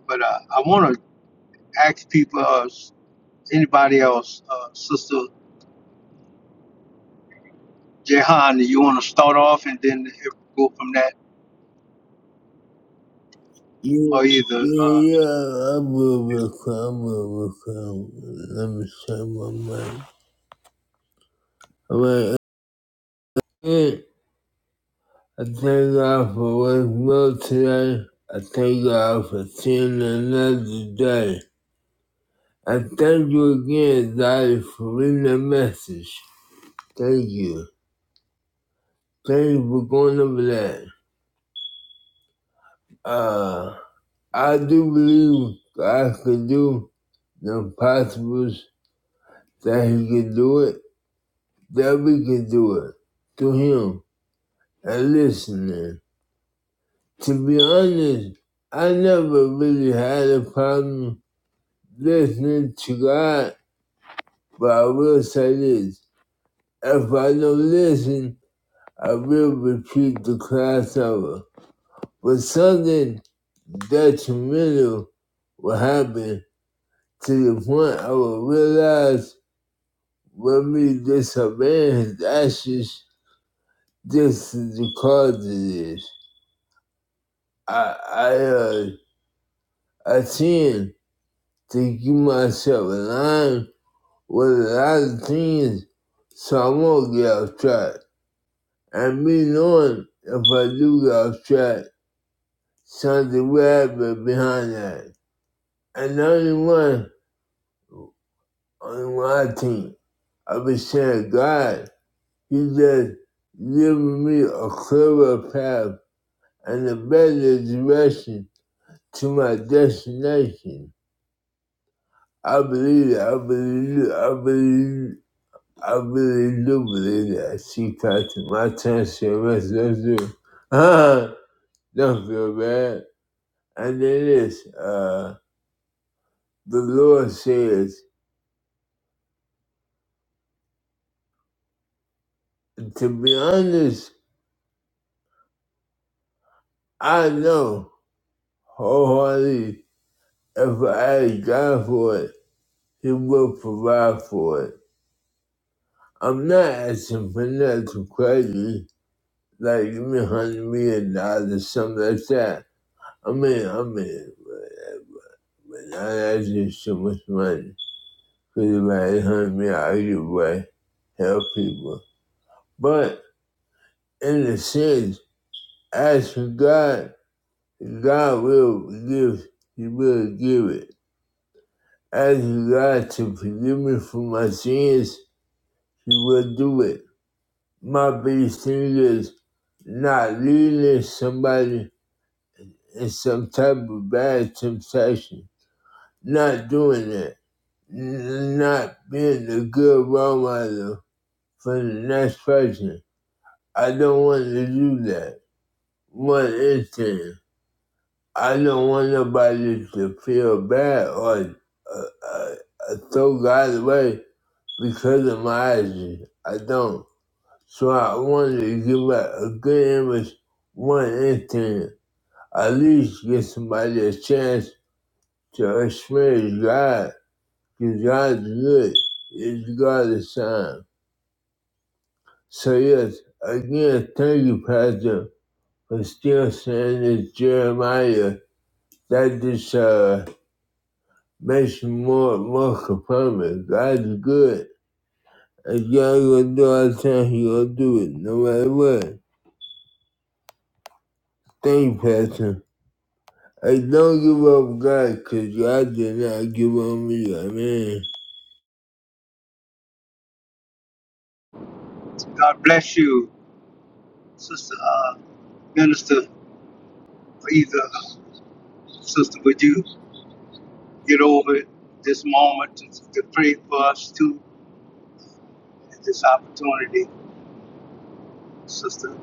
but uh, I want to ask people, uh, anybody else, uh, Sister Jehan, you want to start off and then go from that?
Yeah,
Or either, uh,
yeah, I will become, I will become. Let me shut my mind. All right, hey, I thank God for what's well today. I thank God for seeing another day. I thank you again, Daddy, for reading the message. Thank you. Thank you for going over that. Uh, I do believe God can do the impossible, that He can do it. that we can do it to him and listening. To be honest, I never really had a problem listening to God, but I will say this. If I don't listen, I will repeat the class over. But something detrimental will happen to the point I will realize when we disobey his actions, this is the cause of this. I, I uh, I tend to keep myself aligned with a lot of things so I won't get off track. And me knowing if I do get off track, something will happen behind that. And the only one on my team, I've been saying, God, He just giving me a clearer path and a better direction to my destination. I believe it, I believe it, I believe it. I really do believe that she got to my attention, my sister. Uh, don't feel bad. And it is, uh, the Lord says, to be honest, I know wholeheartedly if I ask God for it, He will provide for it. I'm not asking for nothing crazy, like give me a hundred million dollars or something like that. I mean, I mean, but not asking so much money. Anybody hunt me out either way, help people. But in the sense, ask for God, God will give, He will give it. Ask God to forgive me for my sins, He will do it. My biggest thing is not leading somebody in some type of bad temptation, not doing that, not being a good role model for the next person I don't want to do that. One instant, I don't want nobody to feel bad or uh, uh, uh, throw God away because of my actions. I don't. So I wanted to give out a good image one instant. At least give somebody a chance to experience God. Because God's good. It's God's time. So yes, again, thank you, Pastor, for still saying this Jeremiah That just uh, makes you more more confirming. God's good. If y'all gonna do our time, he gonna do it no matter what. Thank you, Pastor. I don't give up God, cause God did not give up me. Amen.
God bless you, Sister. uh, Minister, either sister, would you get over this moment to, to pray for us too? This opportunity, Sister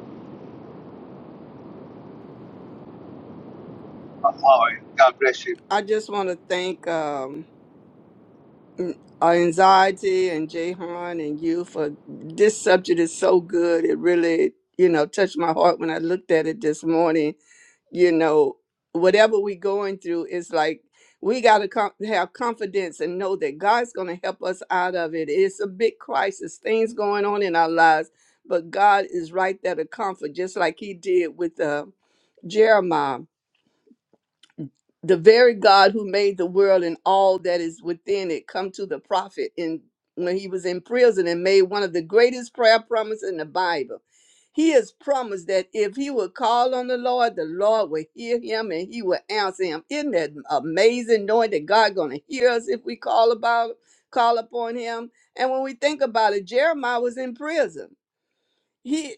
Amari. God bless you.
I just want to thank um, N- uh, Anxiety and Jahan and you for this subject is so good. It really, you know, touched my heart when I looked at it this morning. You know, whatever we're going through, it's like we got to com- have confidence and know that God's going to help us out of it. It's a big crisis, things going on in our lives, but God is right there to comfort, just like He did with uh, Jeremiah the very God who made the world and all that is within it come to the prophet in when he was in prison and made one of the greatest prayer promises in the Bible. He has promised that if he would call on the Lord, the Lord will hear him and he will answer him. Isn't that amazing knowing that God gonna hear us if we call about call upon him? And when we think about it, Jeremiah was in prison he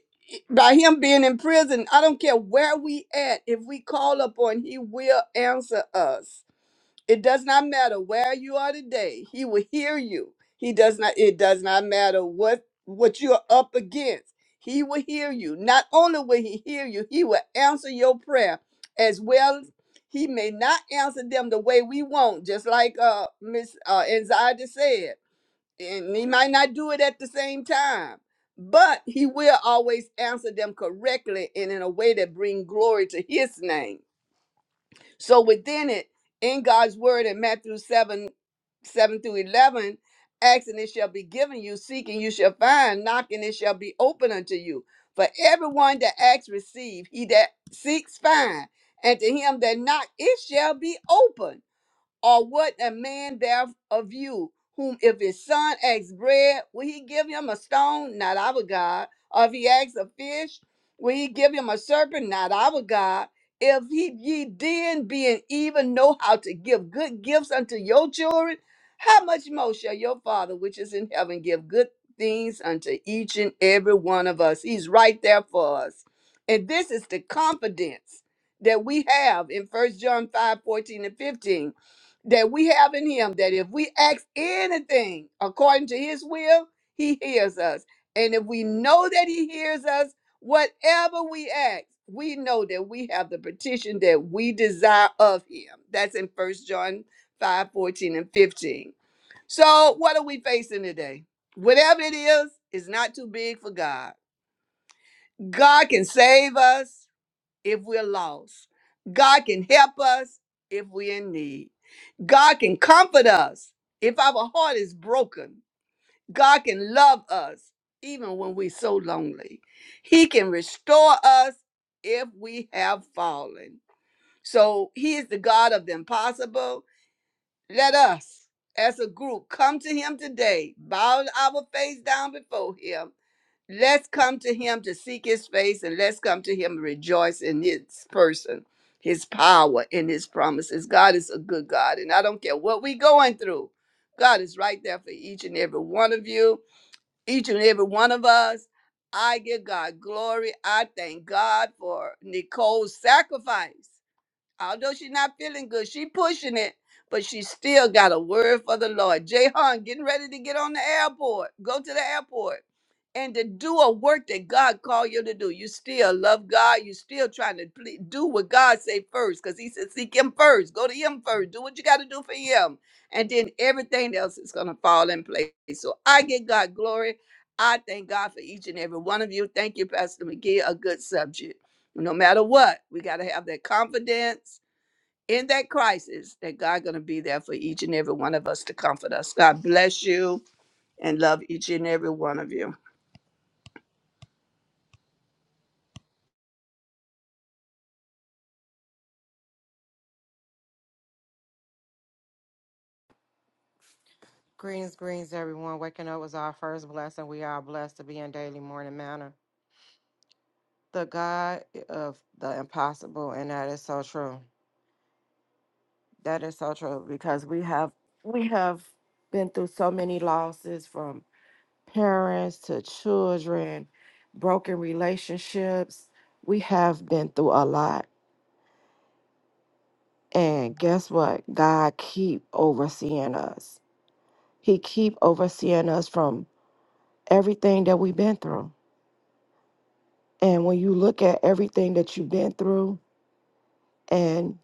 by him being in prison i don't care where we at if we call upon he will answer us it does not matter where you are today he will hear you he does not it does not matter what what you're up against he will hear you not only will he hear you he will answer your prayer as well he may not answer them the way we want just like uh miss uh anxiety said and he might not do it at the same time but he will always answer them correctly and in a way that bring glory to his name so within it in god's word in matthew 7 7 through 11 asking it shall be given you seeking you shall find knocking it shall be open unto you for everyone that asks receive he that seeks find and to him that knock it shall be open or what a man there of you, whom if his son asks bread, will he give him a stone? Not our God. Or if he asks a fish, will he give him a serpent? Not our God. If he, ye then, being even, know how to give good gifts unto your children, how much more shall your Father which is in heaven give good things unto each and every one of us? He's right there for us. And this is the confidence that we have in First John 5 14 and 15 that we have in him that if we ask anything according to his will, he hears us. And if we know that he hears us, whatever we ask, we know that we have the petition that we desire of him. That's in First John 5:14 and 15. So, what are we facing today? Whatever it is, is not too big for God. God can save us if we're lost, God can help us if we're in need. God can comfort us if our heart is broken. God can love us even when we're so lonely. He can restore us if we have fallen. So He is the God of the impossible. Let us, as a group, come to Him today, bow our face down before Him Let's come to him to seek his face and let's come to him and rejoice in his person, his power, and his promises. God is a good God, and I don't care what we're going through. God is right there for each and every one of you, each and every one of us. I give God glory. I thank God for Nicole's sacrifice although she's not feeling good, she pushing it, but she still got a word for the Lord. Jehan getting ready to get on the airport, go to the airport, and to do a work that God called you to do. You still love God. You still trying to ple- do what God say first, because He said seek Him first, go to Him first, do what you got to do for Him, and then everything else is gonna fall in place. So I give God glory. I thank God for each and every one of you. Thank you, Pastor McGee. A good subject no matter what, we got to have that confidence in that crisis that God going to be there for each and every one of us to comfort us. God bless you and love each and every one of you.
Greetings, greetings, everyone. Waking up was our first blessing. We are blessed to be in daily morning manner. The God of the impossible, and that is so true. That is so true because we have we have been through so many losses from parents to children, broken relationships. We have been through a lot, and guess what? God keep overseeing us. He keep overseeing us from everything that we've been through And when you look at everything that you've been through, and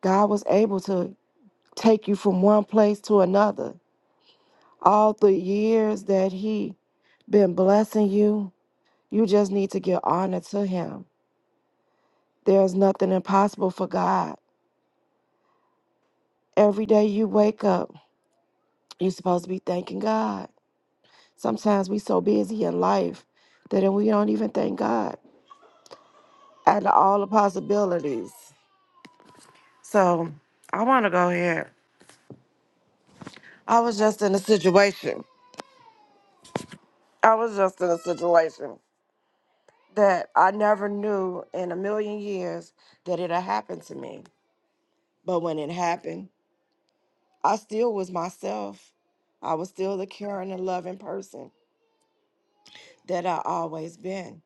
God was able to take you from one place to another, all the years that He been blessing you, you just need to give honor to Him. There's nothing impossible for God. Every day you wake up, you're supposed to be thanking God. Sometimes we so busy in life that we don't even thank God out of all the possibilities. So I want to go here. I was just in a situation I was just in a situation that I never knew in a million years that it had happened to me. But when it happened, I still was myself. I was still the caring and loving person that I always been.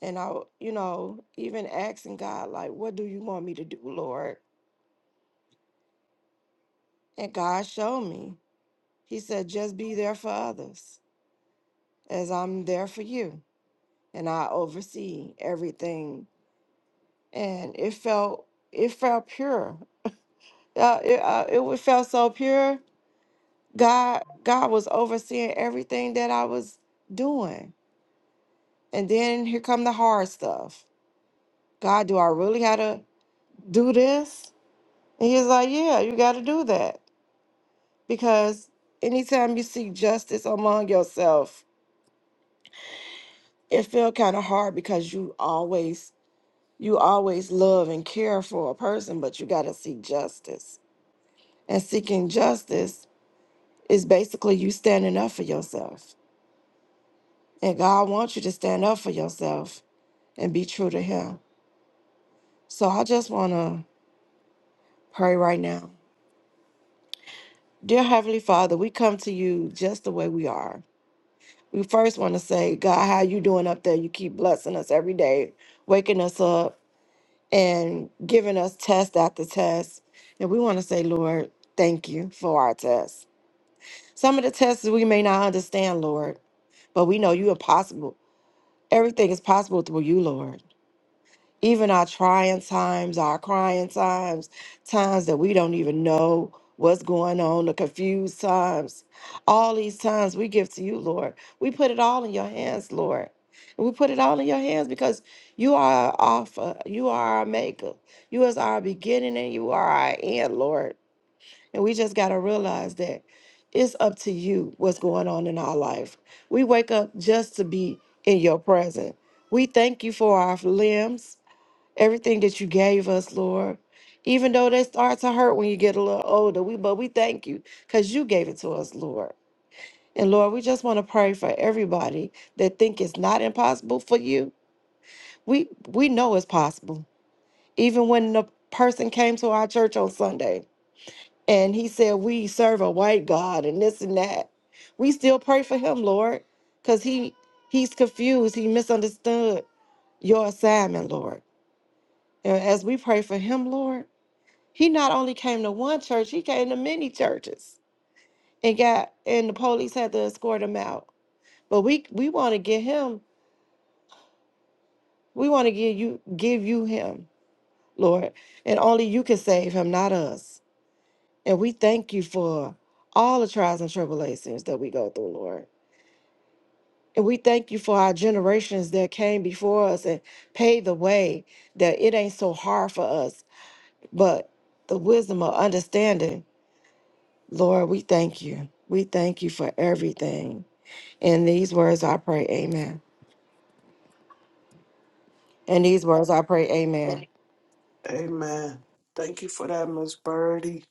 And I, you know, even asking God, like, what do you want me to do, Lord? And God showed me. He said, just be there for others as I'm there for you. And I oversee everything. And it felt it felt pure. uh, it, uh, it wa- felt so pure. God, God was overseeing everything that I was doing. And then here come the hard stuff. God, do I really gotta do this? And he's like, yeah, you gotta do that because anytime you seek justice among yourself, it feel kind of hard because you always you always love and care for a person, but you gotta seek justice. And seeking justice is basically you standing up for yourself And God wants you to stand up for yourself and be true to Him. So I just want to pray right now. Dear Heavenly Father, we come to you just the way we are. We first want to say, God, how you doing up there? You keep blessing us every day, waking us up and giving us test after test. And we want to say, Lord, thank you for our tests. Some of the tests we may not understand, Lord, but we know you are possible. Everything is possible through you, Lord. even our trying times, our crying times, times that we don't even know what's going on, the confused times, all these times we give to you, Lord. We put it all in your hands, Lord. And we put it all in your hands because you are our offer, you are our maker, you is our beginning and you are our end, Lord. And we just gotta realize that it's up to you what's going on in our life. We wake up just to be in your presence. We thank you for our limbs everything that you gave us, Lord. Even though they start to hurt when you get a little older, we but we thank you because you gave it to us, Lord. And Lord, we just want to pray for everybody that think it's not impossible for you. We we know it's possible. Even when the person came to our church on Sunday and he said we serve a white God and this and that, we still pray for him, Lord, because he he's confused. He misunderstood your assignment, Lord. And as we pray for him, Lord. He not only came to one church, he came to many churches and got and the police had to escort him out. But we we want to get him, we want to give you give you him, Lord. And only you can save him, not us. And we thank you for all the trials and tribulations that we go through, Lord. And we thank you for our generations that came before us and paved the way that it ain't so hard for us, but the wisdom of understanding Lord, we thank you. We thank you for everything. In these words I pray, amen. In these words I pray, amen.
Amen. Thank you for that, Miss Birdie.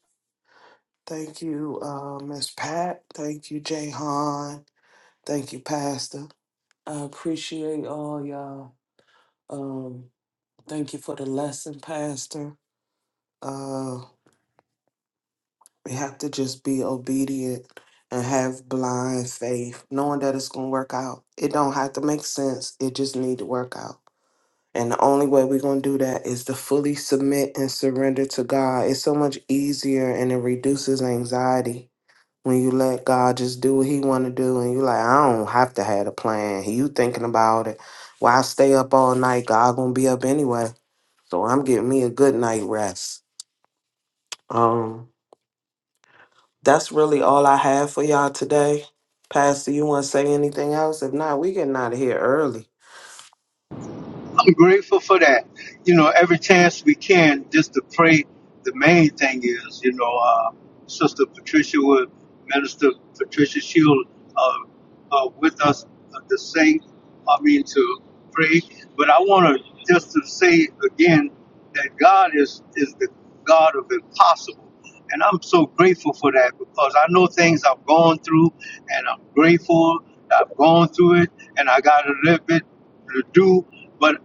Thank you, uh, Miss Pat. Thank you, Jay Han. Thank you, Pastor. I appreciate all y'all. Um, thank you for the lesson, Pastor. Uh, we have to just be obedient and have blind faith, knowing that it's gonna work out. It don't have to make sense. It just need to work out. And the only way we're going to do that is to fully submit and surrender to God. It's so much easier and it reduces anxiety when you let God just do what he want to do and you like, I don't have to have a plan. You thinking about it. Why stay up all night? God going to be up anyway. So I'm getting me a good night rest. Um that's really all I have for y'all today. Pastor, you want to say anything else? If not, we getting out of here early.
I'm grateful for that. You know, every chance we can, just to pray. The main thing is, you know, uh, Sister Patricia would Minister Patricia Shield uh, uh, with us uh, to sing. I mean, to pray. But I want to just to say again that God is is the God of impossible, and I'm so grateful for that because I know things I've gone through, and I'm grateful that I've gone through it, and I got a little bit to do. but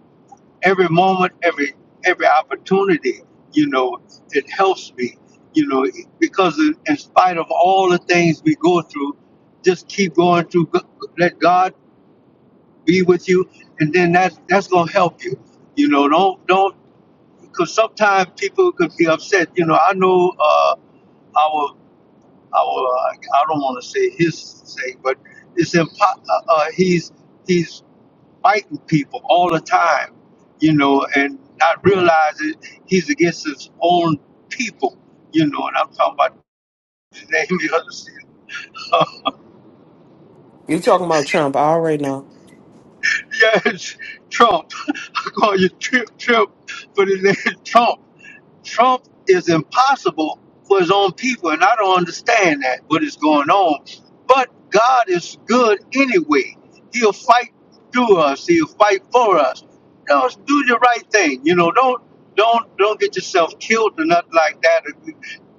every moment, every every opportunity, you know, it helps me, you know, because in, in spite of all the things we go through, just keep going through. G- Let God be with you, and then that that's gonna help you, you know. Don't don't because sometimes people could be upset. You know, I know uh, our our uh, I don't want to say his sake, but it's impo- uh, uh, he's he's fighting people all the time, you know, and not realizing he's against his own people, you know. And I'm talking about the name of is uh,
You talking about Trump I already know.
yes, Trump. I call you Trip trip, but his name is Trump. Trump is impossible for his own people, and I don't understand that what is going on. But God is good anyway. He'll fight through us. He'll fight for us. Just do the right thing. You know, don't don't don't get yourself killed or nothing like that. Or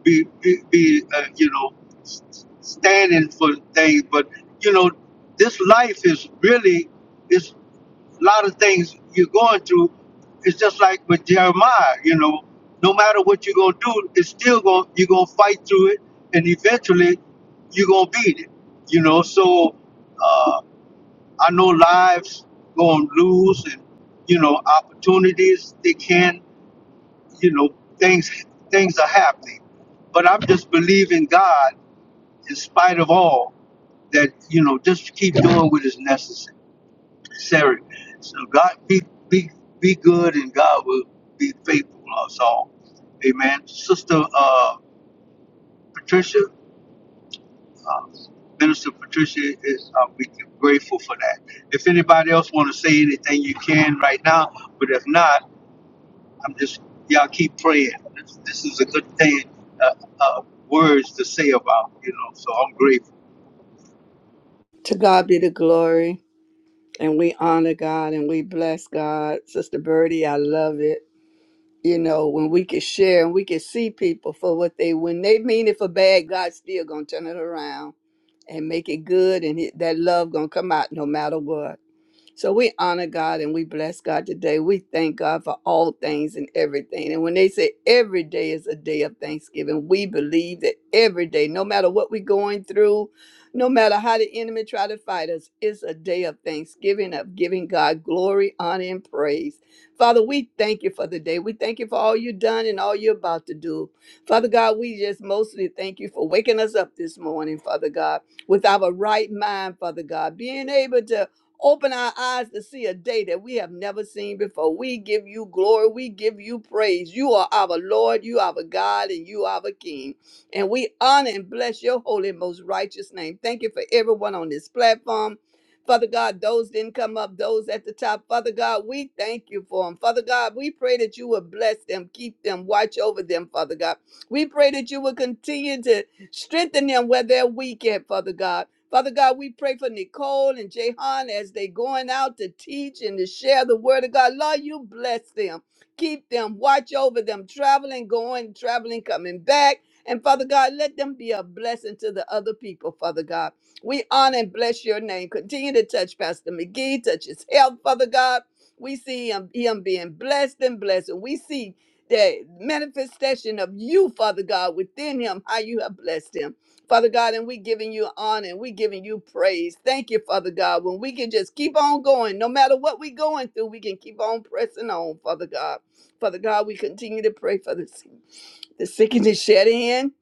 be be, be uh, you know s- s- standing for things. But you know, this life is really is a lot of things you're going through it's just like with jeremiah you know no matter what you're going to do it's still going you're going to fight through it and eventually you're going to beat it you know so uh, i know lives going to lose and you know opportunities they can you know things things are happening but i'm just believing god in spite of all that you know just keep doing what is necessary Sarah. So God be be be good and God will be faithful to us all. Amen. Sister uh, Patricia, uh, Minister Patricia, is uh, we grateful for that. If anybody else want to say anything, you can right now. But if not, I'm just y'all keep praying. This, this is a good thing, uh, uh, words to say about you know. So I'm grateful.
To God be the glory, and we honor God and we bless God. Sister Birdie, I love it. You know when we can share and we can see people for what they when they mean it for bad, God's still gonna turn it around and make it good, and it- that love gonna come out no matter what. So we honor God and we bless God today. We thank God for all things and everything. And when they say every day is a day of thanksgiving, we believe that every day, no matter what we're going through, no matter how the enemy try to fight us, it's a day of thanksgiving, of giving God glory, honor, and praise. Father, we thank you for the day. We thank you for all you've done and all you're about to do. Father God, we just mostly thank you for waking us up this morning, Father God, with our right mind, Father God, being able to Open our eyes to see a day that we have never seen before. We give you glory. We give you praise. You are our Lord. You are our God and you are our King. And we honor and bless your holy and most righteous name. Thank you for everyone on this platform. Father God, those didn't come up, those at the top. Father God, we thank you for them. Father God, we pray that you would bless them, keep them, watch over them, Father God. We pray that you would continue to strengthen them where they're weak at, Father God. Father God, we pray for Nicole and Jehan as they going out to teach and to share the word of God. Lord, you bless them. Keep them, watch over them, traveling, going, traveling, coming back. And Father God, let them be a blessing to the other people, Father God. We honor and bless your name. Continue to touch Pastor McGee, touch his health, Father God. We see him, him being blessed and blessed. And we see the manifestation of you, Father God, within him, how you have blessed him. Father God, and we giving you honor and we giving you praise. Thank you, Father God. When we can just keep on going, no matter what we're going through, we can keep on pressing on, Father God. Father God, we continue to pray for the sick, the sick and the shed in.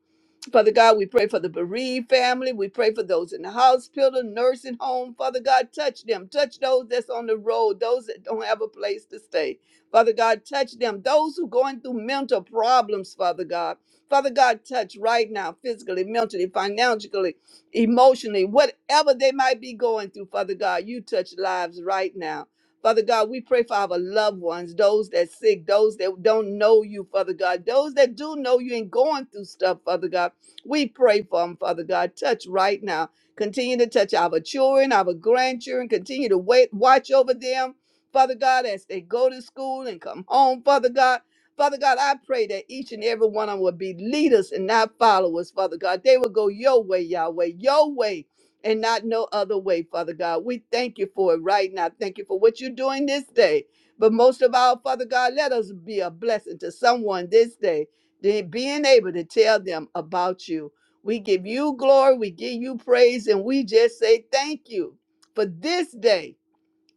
Father God, we pray for the bereaved family. We pray for those in the hospital, nursing home. Father God, touch them. Touch those that's on the road, those that don't have a place to stay. Father God, touch them. Those who going through mental problems, Father God. Father God, touch right now, physically, mentally, financially, emotionally, whatever they might be going through, Father God, you touch lives right now. Father God, we pray for our loved ones, those that sick, those that don't know you, Father God, those that do know you and going through stuff, Father God. We pray for them, Father God. Touch right now. Continue to touch our children, our grandchildren. Continue to wait, watch over them, Father God, as they go to school and come home, Father God. Father God, I pray that each and every one of them will be leaders and not followers, Father God. They will go your way, Yahweh, your way, and not no other way, Father God. We thank you for it right now. Thank you for what you're doing this day. But most of all, Father God, let us be a blessing to someone this day. They being able to tell them about you. We give you glory, we give you praise, and we just say thank you for this day.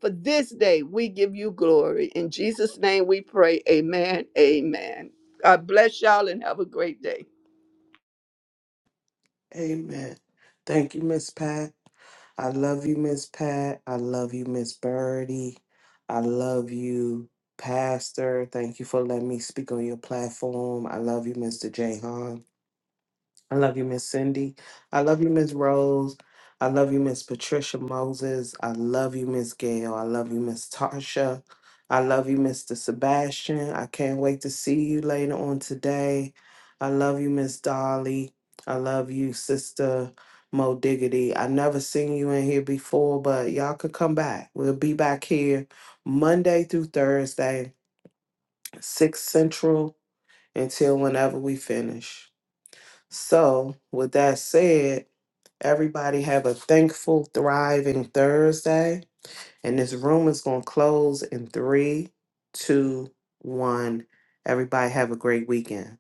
For this day, we give you glory. In Jesus' name we pray. Amen. Amen. God bless y'all and have a great day.
Amen. Thank you, Miss Pat. I love you, Miss Pat. I love you, Miss Birdie. I love you, Pastor. Thank you for letting me speak on your platform. I love you, Mr. Jahan. I love you, Miss Cindy. I love you, Miss Rose. I love you, Miss Patricia Moses. I love you, Miss Gail. I love you, Miss Tarsha. I love you, Mr. Sebastian. I can't wait to see you later on today. I love you, Miss Dolly. I love you, Sister Mo Diggity. I never seen you in here before, but y'all could come back. We'll be back here Monday through Thursday, 6 Central, until whenever we finish. So, with that said, everybody have a thankful, thriving Thursday. And this room is going to close in three, two, one. Everybody have a great weekend.